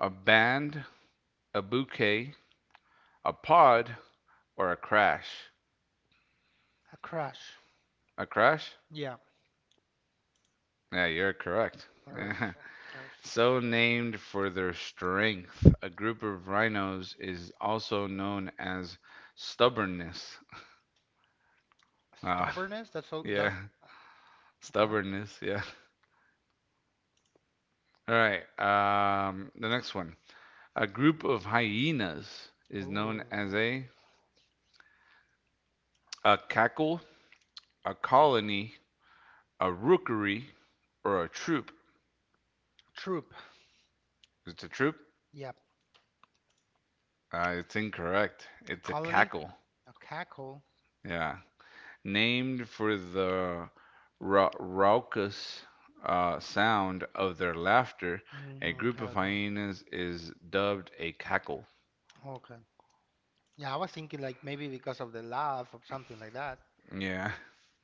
Speaker 1: a band, a bouquet, a pod, or a crash.
Speaker 2: A crush.
Speaker 1: A crash?
Speaker 2: Yeah.
Speaker 1: Yeah, you're correct.
Speaker 2: Perfect. Perfect.
Speaker 1: So named for their strength, a group of rhinos is also known as stubbornness. Uh,
Speaker 2: Stubbornness. That's all.
Speaker 1: yeah,
Speaker 2: That. Okay.
Speaker 1: stubbornness, yeah. All right, the next one. A group of hyenas is known as
Speaker 2: Oh.
Speaker 1: a cackle, a colony, a rookery, or a troop.
Speaker 2: Troop.
Speaker 1: It's a troop?
Speaker 2: Yep.
Speaker 1: It's incorrect.
Speaker 2: A
Speaker 1: It's a
Speaker 2: colony.
Speaker 1: cackle.
Speaker 2: A cackle.
Speaker 1: Yeah. Named for the raucous sound of their laughter, a
Speaker 2: Mm,
Speaker 1: group
Speaker 2: okay.
Speaker 1: of
Speaker 2: Okay.
Speaker 1: hyenas is dubbed a cackle.
Speaker 2: Okay. Yeah, I was thinking like maybe because of the laugh or something like that,
Speaker 1: Yeah,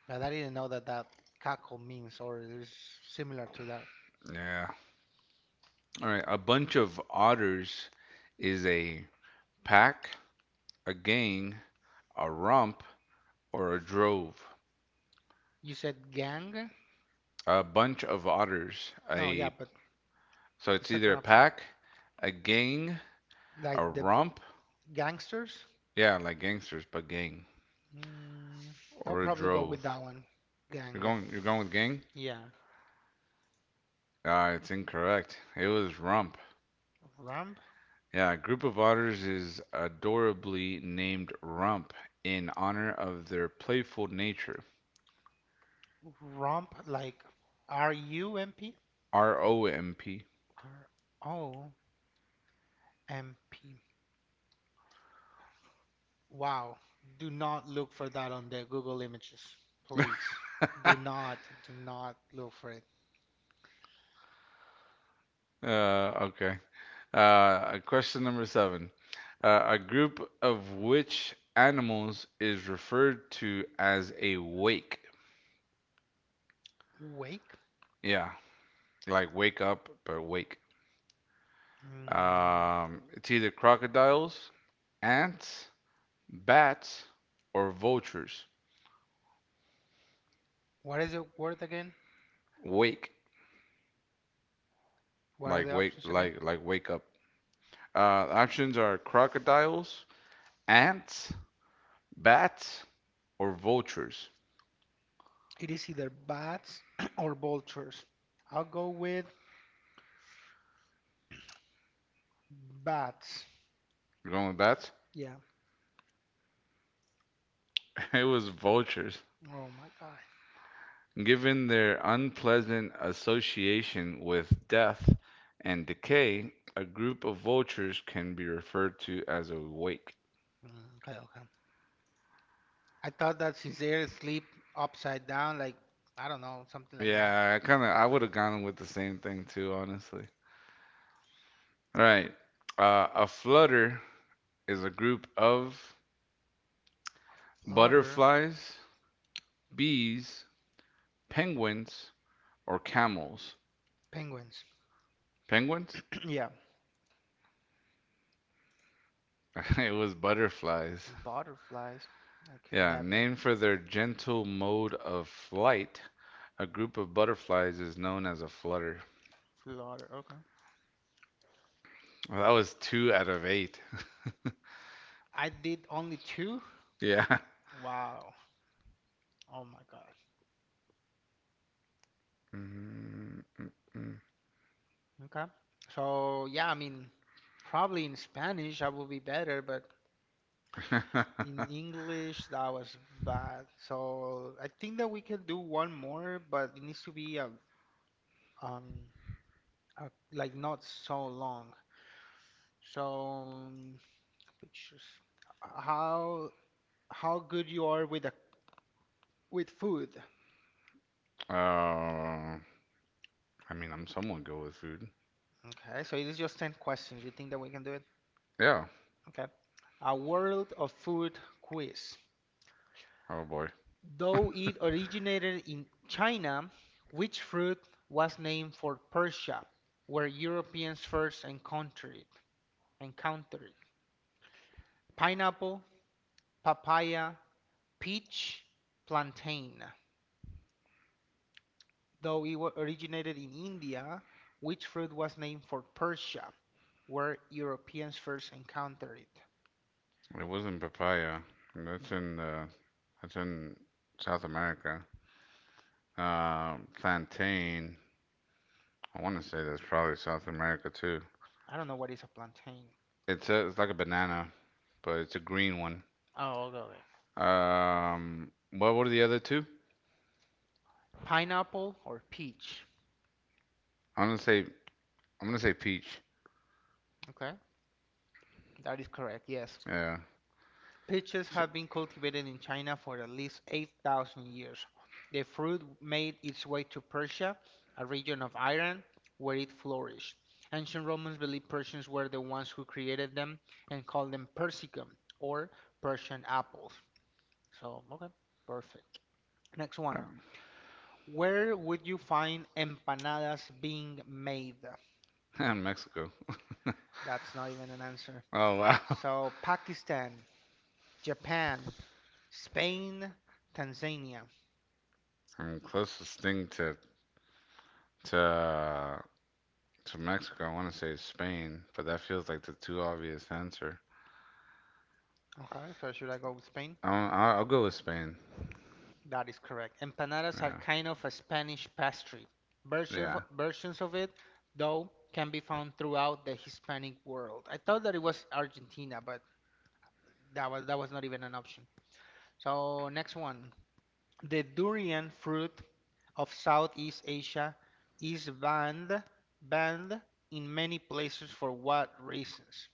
Speaker 2: but I didn't know that that cackle means or is similar to that.
Speaker 1: yeah. All right, a bunch of otters is a pack, a gang, a rump, or a drove.
Speaker 2: You said gang?
Speaker 1: A bunch of otters,
Speaker 2: No. Yeah,
Speaker 1: a
Speaker 2: but
Speaker 1: so
Speaker 2: the
Speaker 1: it's either
Speaker 2: second
Speaker 1: a
Speaker 2: option,
Speaker 1: pack, a gang, a
Speaker 2: like the
Speaker 1: rump.
Speaker 2: gangsters.
Speaker 1: Yeah, like gangsters, but gang
Speaker 2: Mm, I'll
Speaker 1: or a
Speaker 2: probably go with
Speaker 1: drove.
Speaker 2: that one, gang.
Speaker 1: You're going with gang.
Speaker 2: Yeah.
Speaker 1: Ah, it's incorrect. It was rump.
Speaker 2: Rump?
Speaker 1: Yeah, a group of otters is adorably named rump in honor of their playful nature.
Speaker 2: Rump, like RUMP?
Speaker 1: romp.
Speaker 2: ROMP. Wow. Do not look for that on the Google Images, please. Do not look for it.
Speaker 1: Okay. Question number seven. A group of which animals is referred to as a wake?
Speaker 2: Wake?
Speaker 1: Yeah, like wake up, but wake.
Speaker 2: Mm,
Speaker 1: It's either crocodiles, ants, bats, or vultures.
Speaker 2: what is the word again?
Speaker 1: Wake,
Speaker 2: What are
Speaker 1: like
Speaker 2: the
Speaker 1: wake,
Speaker 2: options again?
Speaker 1: like like wake up. Uh, Options are crocodiles, ants, bats, or vultures.
Speaker 2: It is either bats or vultures. I'll go with bats.
Speaker 1: You're going with bats?
Speaker 2: Yeah.
Speaker 1: It was vultures.
Speaker 2: Oh my God.
Speaker 1: Given their unpleasant association with death and decay, a group of vultures can be referred to as a wake.
Speaker 2: Mm, okay, okay. I thought that since they're asleep upside down, like I don't know, something like that.
Speaker 1: Yeah, I kind of I would have gone with the same thing too, honestly. All right. A flutter is a group of
Speaker 2: Flutter,
Speaker 1: butterflies, bees, penguins or camels?
Speaker 2: penguins.
Speaker 1: Penguins?
Speaker 2: Yeah,
Speaker 1: It was butterflies.
Speaker 2: butterflies. I could
Speaker 1: Yeah,
Speaker 2: never
Speaker 1: named for their gentle mode of flight, a group of butterflies is known as a flutter.
Speaker 2: flutter. Okay.
Speaker 1: Well, that was two out of eight.
Speaker 2: I did only two.
Speaker 1: Yeah.
Speaker 2: Wow. Oh my God.
Speaker 1: Mm, mm,
Speaker 2: Okay. So yeah, I mean, probably in Spanish I will be better, but in
Speaker 1: mm.
Speaker 2: English that was bad. So I think that we can do one more, but it needs to be um a, like not so long. So um, pictures. How how good you are with a, with food.
Speaker 1: Oh, I mean, I'm somewhat good with food.
Speaker 2: Okay, so it is just 10 questions. You think that we can do it?
Speaker 1: Yeah.
Speaker 2: Okay. A world of food quiz.
Speaker 1: Oh boy,
Speaker 2: Though it originated in China, which fruit was named for Persia, where Europeans first encountered it? Encountered it? Pineapple, papaya, peach, plantain. Though it wa- originated in India, which fruit was named for Persia, where Europeans first encountered it.
Speaker 1: it wasn't papaya. That's in uh, that's in South America. Plantain. I want to say that's probably South America too.
Speaker 2: I don't know what is a plantain.
Speaker 1: It's like a banana, but it's a green one.
Speaker 2: Oh, okay, okay.
Speaker 1: What are the other two?
Speaker 2: Pineapple or peach?
Speaker 1: I'm gonna say peach.
Speaker 2: Okay, that is correct, yes.
Speaker 1: Yeah.
Speaker 2: Peaches
Speaker 1: Shit.
Speaker 2: have been cultivated in China for at least 8,000 years. The fruit made its way to Persia, a region of Iran, where it flourished. Ancient Romans believed Persians were the ones who created them and called them persicum or Persian apples. So, okay, perfect. Next one. Where would you find empanadas being made?
Speaker 1: Mexico.
Speaker 2: That's not even an answer.
Speaker 1: Oh wow.
Speaker 2: So, Pakistan, Japan, Spain, Tanzania.
Speaker 1: I mean, closest thing to to uh, to Mexico, I want to say is Spain, but that feels like the too obvious answer.
Speaker 2: Okay, so should I go with Spain?
Speaker 1: I'll go with Spain.
Speaker 2: That is correct. Empanadas are
Speaker 1: Yeah,
Speaker 2: kind of a Spanish pastry. Version
Speaker 1: yeah.
Speaker 2: versions of it, though, can be found throughout the Hispanic world. I thought that it was Argentina, but that was not even an option. So, next one. The durian fruit of Southeast Asia is banned in many places for what reasons?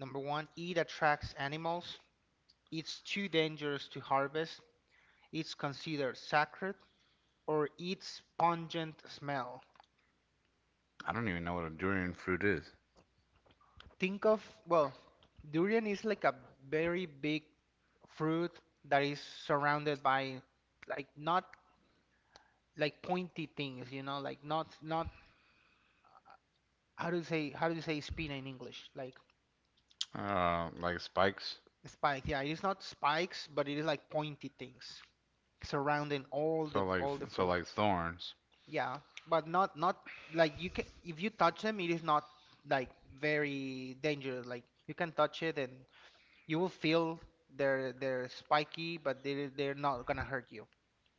Speaker 2: Number one, it attracts animals. It's too dangerous to harvest. It's considered sacred, or its pungent smell.
Speaker 1: I don't even know what a durian fruit is.
Speaker 2: Think of, well, durian is like a very big fruit that is surrounded by, like, not like pointy things, you know, like not how do you say spina in English? Like
Speaker 1: Like spikes.
Speaker 2: spike. Yeah, it is not spikes, but it is like pointy things surrounding all the
Speaker 1: So like
Speaker 2: all the
Speaker 1: so
Speaker 2: fruit.
Speaker 1: like thorns.
Speaker 2: Yeah, but not like, you can, if you touch them, it is not like very dangerous. Like, you can touch it and you will feel they're spiky, but they're not gonna hurt you.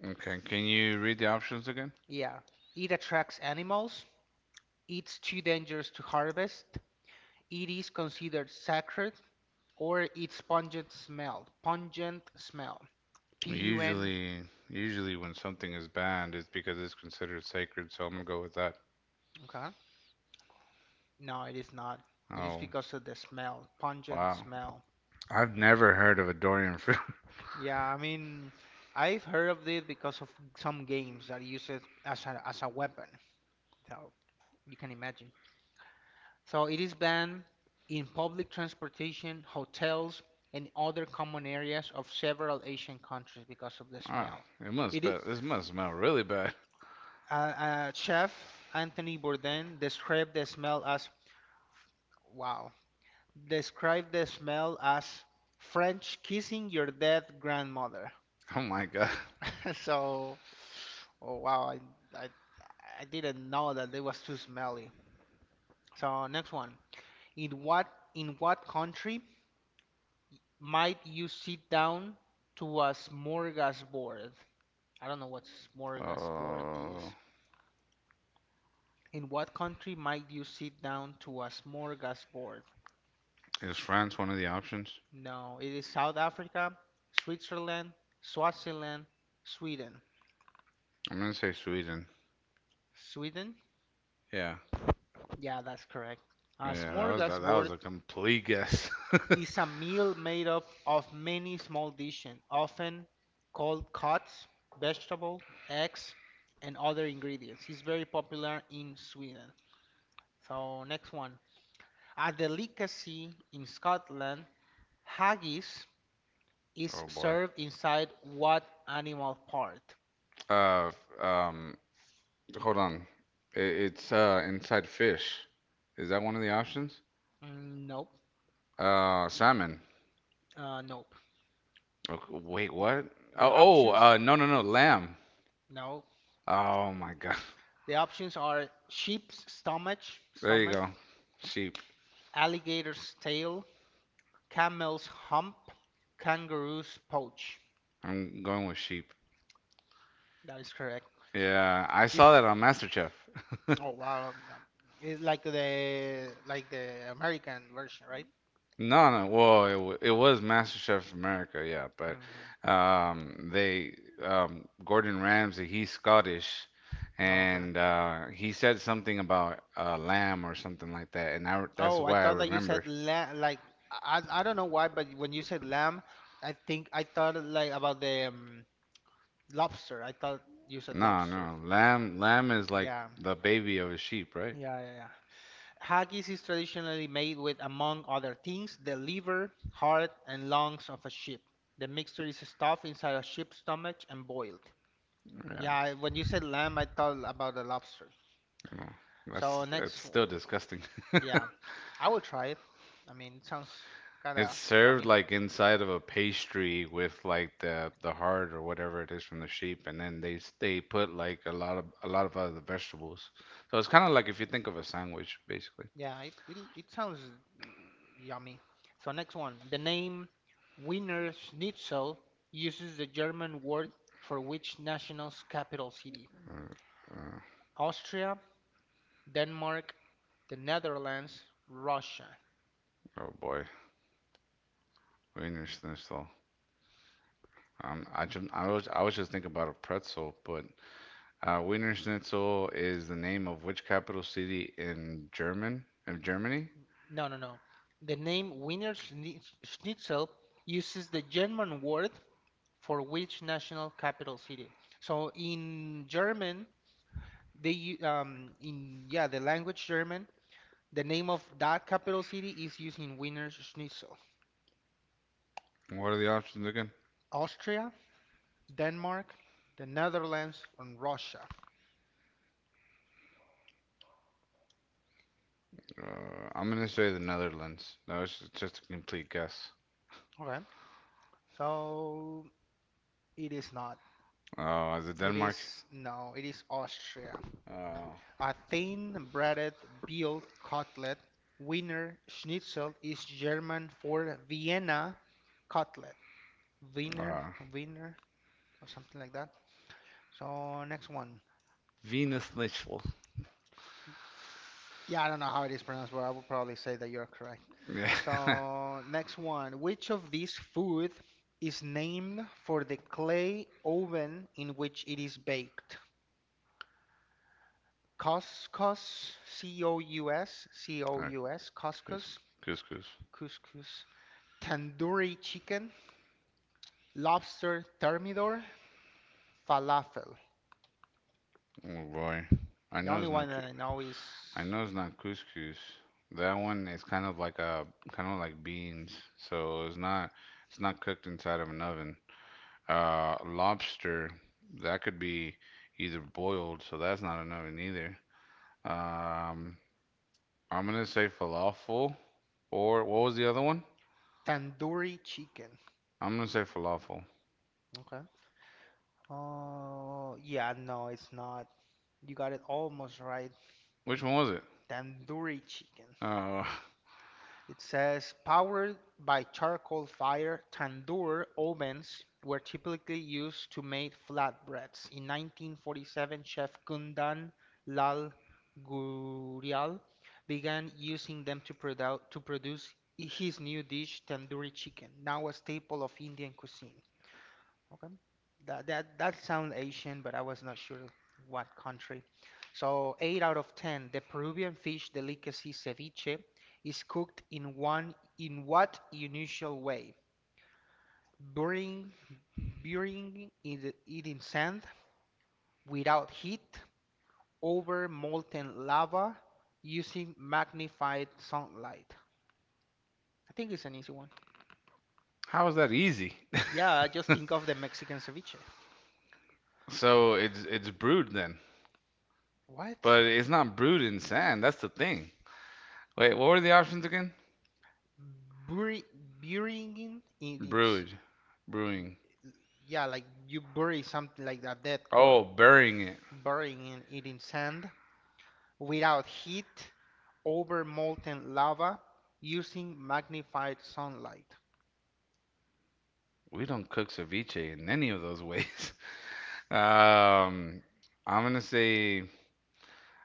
Speaker 1: Okay, can you read the options again?
Speaker 2: Yeah. It attracts animals. It's too dangerous to harvest. It is considered sacred or its pungent smell. Pungent smell. PUN.
Speaker 1: Usually, usually, when something is banned, it's because it's considered sacred, so I'm gonna go with that.
Speaker 2: Okay. No, it is not. It is
Speaker 1: Oh,
Speaker 2: because of the smell, pungent
Speaker 1: wow.
Speaker 2: smell.
Speaker 1: I've never heard of a Dorian fruit.
Speaker 2: Yeah, I mean, I've heard of it because of some games that use it as a weapon. So you can imagine. So it is banned in public transportation, hotels, and other common areas of several Asian countries because of the
Speaker 1: Wow,
Speaker 2: smell. It,
Speaker 1: this must smell really bad.
Speaker 2: Chef Anthony Bourdain described the smell as, wow, described the smell as French kissing your dead grandmother.
Speaker 1: Oh my God.
Speaker 2: So, oh wow, I I didn't know that it was too smelly. So next one, in what in what country might you sit down to a smorgasbord? I don't know what smorgasbord is.
Speaker 1: Oh,
Speaker 2: In what country might you sit down to a smorgasbord?
Speaker 1: is France one of the options?
Speaker 2: No, it is South Africa, Switzerland, Swaziland, Sweden.
Speaker 1: I'm gonna say Sweden.
Speaker 2: Sweden?
Speaker 1: Yeah,
Speaker 2: Yeah, that's correct. A
Speaker 1: yeah, that was that was
Speaker 2: smorgasbord
Speaker 1: a complete guess.
Speaker 2: is a meal made up of many small dishes, often called cuts, vegetable, eggs, and other ingredients. It's very popular in Sweden. So, next one. A delicacy in Scotland, haggis is
Speaker 1: Oh boy.
Speaker 2: served inside what animal part?
Speaker 1: Uh, um, Hold on. It's inside fish. Is that one of the options?
Speaker 2: Mm, nope.
Speaker 1: Salmon.
Speaker 2: Nope.
Speaker 1: Oh, wait,
Speaker 2: The,
Speaker 1: what?
Speaker 2: the
Speaker 1: Oh, oh,
Speaker 2: options?
Speaker 1: no, no, no, lamb.
Speaker 2: No.
Speaker 1: Oh my God.
Speaker 2: The options are sheep's stomach,
Speaker 1: There you
Speaker 2: stomach,
Speaker 1: go. Sheep.
Speaker 2: alligator's tail, camel's hump, kangaroo's pouch.
Speaker 1: I'm going with sheep.
Speaker 2: That is correct.
Speaker 1: Yeah, I saw
Speaker 2: It's
Speaker 1: that on MasterChef.
Speaker 2: oh wow, it's like the American version, right?
Speaker 1: No, no. Well, it was MasterChef America, yeah, but
Speaker 2: Mm-hmm.
Speaker 1: they Gordon Ramsay, he's Scottish,
Speaker 2: Oh, okay.
Speaker 1: and he said something about lamb or something like that, and I, that's
Speaker 2: Oh, I
Speaker 1: why I
Speaker 2: thought that you
Speaker 1: remembered.
Speaker 2: said la like I don't know why, but when you said lamb, I think I thought, like, about the lobster. I thought you said
Speaker 1: No,
Speaker 2: lobster.
Speaker 1: no, lamb is like
Speaker 2: Yeah,
Speaker 1: the baby of a sheep, right?
Speaker 2: yeah, yeah, yeah. Haggis is traditionally made with, among other things, the liver, heart, and lungs of a sheep. The mixture is stuffed inside a sheep's stomach and boiled.
Speaker 1: Yeah,
Speaker 2: Yeah, when you said lamb, I thought about the lobster.
Speaker 1: no,
Speaker 2: So
Speaker 1: that's it's
Speaker 2: next
Speaker 1: still
Speaker 2: one.
Speaker 1: disgusting.
Speaker 2: Yeah, I will try it. I mean, it sounds kind
Speaker 1: It's
Speaker 2: of
Speaker 1: served
Speaker 2: yummy.
Speaker 1: like inside of a pastry with like the heart or whatever it is from the sheep, and then they put like a lot of other vegetables. So it's kind of like if you think of a sandwich, basically.
Speaker 2: Yeah, it sounds yummy. So next one. The name Wiener Schnitzel uses the German word for which national's capital city?
Speaker 1: Uh, uh,
Speaker 2: Austria, Denmark, the Netherlands, Russia.
Speaker 1: oh boy, Wiener Schnitzel. I was just thinking about a pretzel, but Wiener Schnitzel is the name of which capital city in German in Germany?
Speaker 2: No, no, no. The name Wiener Schnitzel uses the German word for which national capital city. So in German, they in yeah, the language German, the name of that capital city is using Wiener Schnitzel.
Speaker 1: What are the options again?
Speaker 2: Austria, Denmark, the Netherlands, and Russia.
Speaker 1: I'm gonna say the Netherlands. That was just a complete guess.
Speaker 2: Okay. So it is not.
Speaker 1: Oh, is it
Speaker 2: It
Speaker 1: Denmark?
Speaker 2: is no. It is Austria.
Speaker 1: Oh,
Speaker 2: A thin breaded veal cutlet, Wiener Schnitzel is German for Vienna cutlet. Wiener,
Speaker 1: uh,
Speaker 2: Wiener, or something like that. So next one.
Speaker 1: Venus Litchfield.
Speaker 2: Yeah, I don't know how it is pronounced, but I would probably say that you're correct.
Speaker 1: Yeah.
Speaker 2: So next one. Which of these food is named for the clay oven in which it is baked? Couscous, C-O-U-S,
Speaker 1: Uh,
Speaker 2: C-O-U-S, couscous,
Speaker 1: Couscous.
Speaker 2: couscous. Tandoori chicken, lobster thermidor, falafel.
Speaker 1: Oh boy, I
Speaker 2: The
Speaker 1: know
Speaker 2: only
Speaker 1: it's not.
Speaker 2: one that I know is
Speaker 1: I know it's not couscous. That one is kind of like a kind of like beans, so it's not. It's not cooked inside of an oven. Lobster. That could be either boiled, so that's not an oven either. Um, I'm gonna say falafel, or what was the other one?
Speaker 2: tandoori chicken.
Speaker 1: I'm gonna say falafel.
Speaker 2: Okay. Oh, yeah, no, it's not. You got it almost right.
Speaker 1: Which one was it?
Speaker 2: Tandoori chicken.
Speaker 1: Oh,
Speaker 2: It says, powered by charcoal fire, tandoor ovens were typically used to make flatbreads. In 1947, Chef Kundan Lal Gurial began using them to produce his new dish, tandoori chicken, now a staple of Indian cuisine. Okay. That sounds Asian, but I was not sure what country. So, 8 out of 10, the Peruvian fish delicacy ceviche is cooked in what unusual way? Burying burying in it in sand, without heat, over molten lava, using magnified sunlight. I think it's an easy one.
Speaker 1: how is that easy?
Speaker 2: Yeah, just think of the Mexican ceviche.
Speaker 1: So it's brewed then,
Speaker 2: What?
Speaker 1: but it's not brewed in sand. That's the thing. Wait, what were the options again?
Speaker 2: Bury, Burying in its,
Speaker 1: Brewed, brewing.
Speaker 2: yeah, like you bury something like a dead corpse,
Speaker 1: Oh, burying it.
Speaker 2: burying it in sand, without heat, over molten lava, using magnified sunlight.
Speaker 1: We don't cook ceviche in any of those ways. Um, I'm gonna say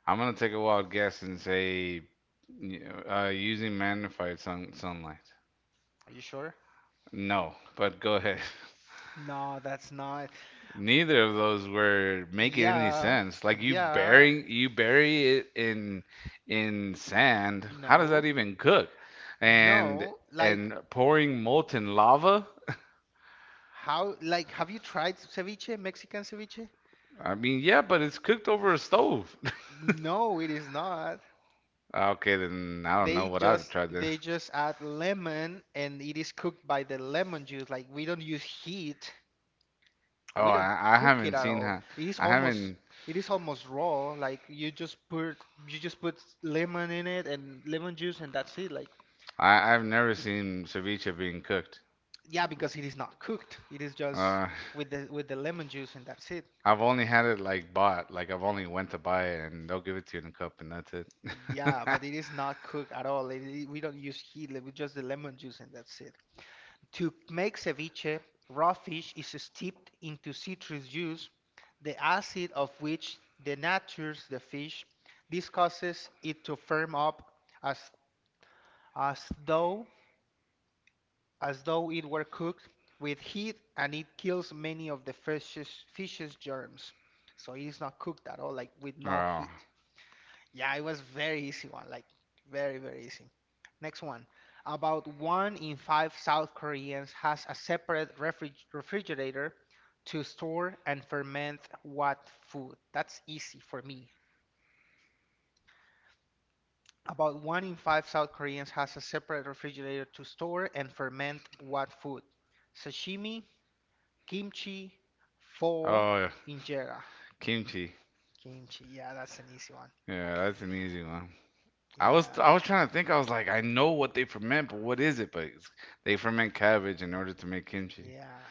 Speaker 1: I'm gonna take a wild guess and say y- using magnified sunlight.
Speaker 2: Are you sure?
Speaker 1: No, but go ahead.
Speaker 2: No, that's not.
Speaker 1: Neither of those were making any
Speaker 2: Yeah,
Speaker 1: sense. Like
Speaker 2: yeah,
Speaker 1: you bury it in sand. How does
Speaker 2: no,
Speaker 1: that even cook? And
Speaker 2: no. Like,
Speaker 1: and pouring molten lava?
Speaker 2: how? Like, have you tried ceviche, Mexican ceviche?
Speaker 1: I mean, yeah, but it's cooked over a stove.
Speaker 2: No, it is not.
Speaker 1: Okay, then I don't know
Speaker 2: They
Speaker 1: what I've
Speaker 2: just
Speaker 1: tried then.
Speaker 2: they just add lemon and it is cooked by the lemon juice. Like, we don't use heat.
Speaker 1: Oh,
Speaker 2: We don't
Speaker 1: I
Speaker 2: cook it
Speaker 1: haven't
Speaker 2: at
Speaker 1: seen
Speaker 2: all.
Speaker 1: how
Speaker 2: It is
Speaker 1: I
Speaker 2: almost
Speaker 1: haven't
Speaker 2: it is almost raw. Like, you just put lemon in it and lemon juice and that's it. Like,
Speaker 1: I've never seen ceviche being cooked.
Speaker 2: yeah, because it is not cooked. It is just
Speaker 1: Uh,
Speaker 2: with the lemon juice and that's it.
Speaker 1: I've only had it like bought, like I've only went to buy it and they'll give it to you in a cup and that's it.
Speaker 2: Yeah, but it is not cooked at all. We don't use heat. Like, we just the lemon juice and that's it. To make ceviche, raw fish is steeped into citrus juice, the acid of which denatures the fish. This causes it to firm up as as though as though it were cooked with heat, and it kills many of the fish's germs. So it is not cooked at all, like with no
Speaker 1: Oh.
Speaker 2: heat. Yeah, it was very easy one, like very, very easy. Next one. About one in five South Koreans has a separate refrigerator to store and ferment what food. That's easy for me. About one in five South Koreans has a separate refrigerator to store and ferment wet food. Sashimi, kimchi, pho,
Speaker 1: Oh, yeah,
Speaker 2: injera.
Speaker 1: kimchi.
Speaker 2: Kimchi, yeah, that's an easy one.
Speaker 1: Yeah, that's an easy one.
Speaker 2: Yeah,
Speaker 1: I was trying to think. I was like, I know what they ferment, but what is it? But they ferment cabbage in order to make kimchi.
Speaker 2: yeah.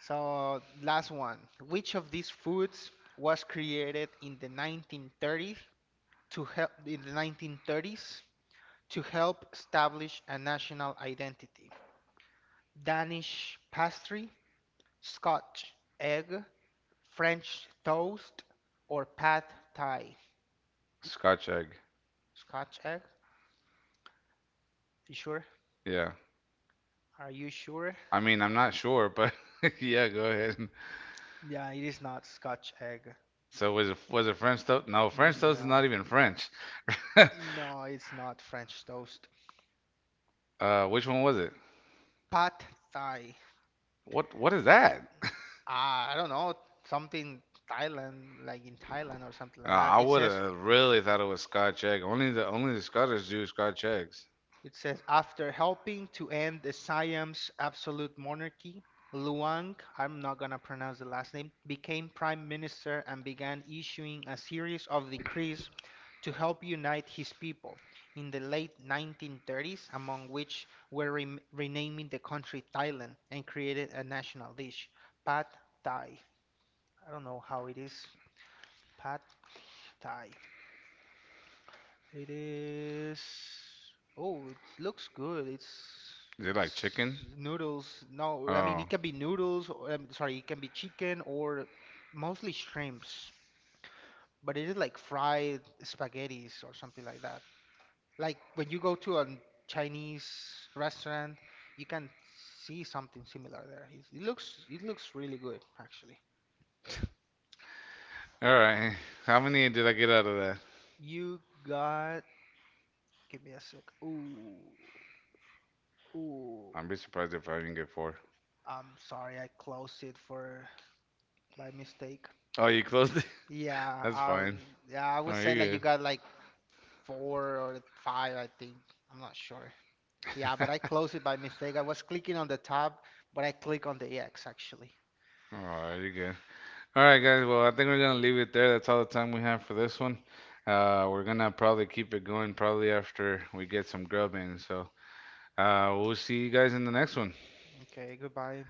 Speaker 2: So, last one. Which of these foods was created in the 1930s to help establish a national identity? Danish pastry, Scotch egg, French toast, or pad thai?
Speaker 1: Scotch egg.
Speaker 2: Scotch egg? You sure?
Speaker 1: Yeah.
Speaker 2: Are you sure?
Speaker 1: I mean, I'm not sure, but yeah, go ahead.
Speaker 2: Yeah, it is not Scotch egg.
Speaker 1: So was it French toast? No, French toast is
Speaker 2: No,
Speaker 1: not even French.
Speaker 2: no, it's not French toast.
Speaker 1: Which one was it?
Speaker 2: Pad thai.
Speaker 1: What is that?
Speaker 2: Ah, I don't know. Something Thailand, like in Thailand or something like that.
Speaker 1: I
Speaker 2: It
Speaker 1: would
Speaker 2: says.
Speaker 1: have really thought it was Scotch egg. Only the Scottish do Scotch eggs.
Speaker 2: It says after helping to end the Siam's absolute monarchy, Luang, I'm not gonna pronounce the last name, became prime minister and began issuing a series of decrees to help unite his people in the late 1930s, among which were rem renaming the country Thailand, and created a national dish, Pad Thai. I don't know how it is, Pad Thai. It is. Oh, it looks good. It's
Speaker 1: Is it like
Speaker 2: it's
Speaker 1: chicken?
Speaker 2: noodles.
Speaker 1: Oh,
Speaker 2: No, I mean it
Speaker 1: all
Speaker 2: can be noodles. Or, sorry, it can be chicken or mostly shrimps. But it is like fried spaghettis or something like that. Like when you go to a Chinese restaurant, you can see something similar there. It looks really good actually.
Speaker 1: right. How many did I get out of
Speaker 2: You got. Give me a sec. Ooh, ooh.
Speaker 1: I'd be surprised if I didn't get four.
Speaker 2: I'm sorry, I closed it for. By mistake.
Speaker 1: Oh, you closed it?
Speaker 2: Yeah,
Speaker 1: That's
Speaker 2: I,
Speaker 1: fine.
Speaker 2: yeah, I
Speaker 1: All
Speaker 2: would
Speaker 1: right,
Speaker 2: say like
Speaker 1: you're
Speaker 2: you
Speaker 1: good.
Speaker 2: got like four or five, I think. I'm not sure. Yeah, but I closed it by mistake. I was clicking on the tab, but I click on the X actually.
Speaker 1: All right, you're good. All right, guys. Well, I think we're gonna leave it there. That's all the time we have for this one. We're gonna probably keep it going probably after we get some grub in. So, we'll see you guys in the next one.
Speaker 2: Okay, goodbye.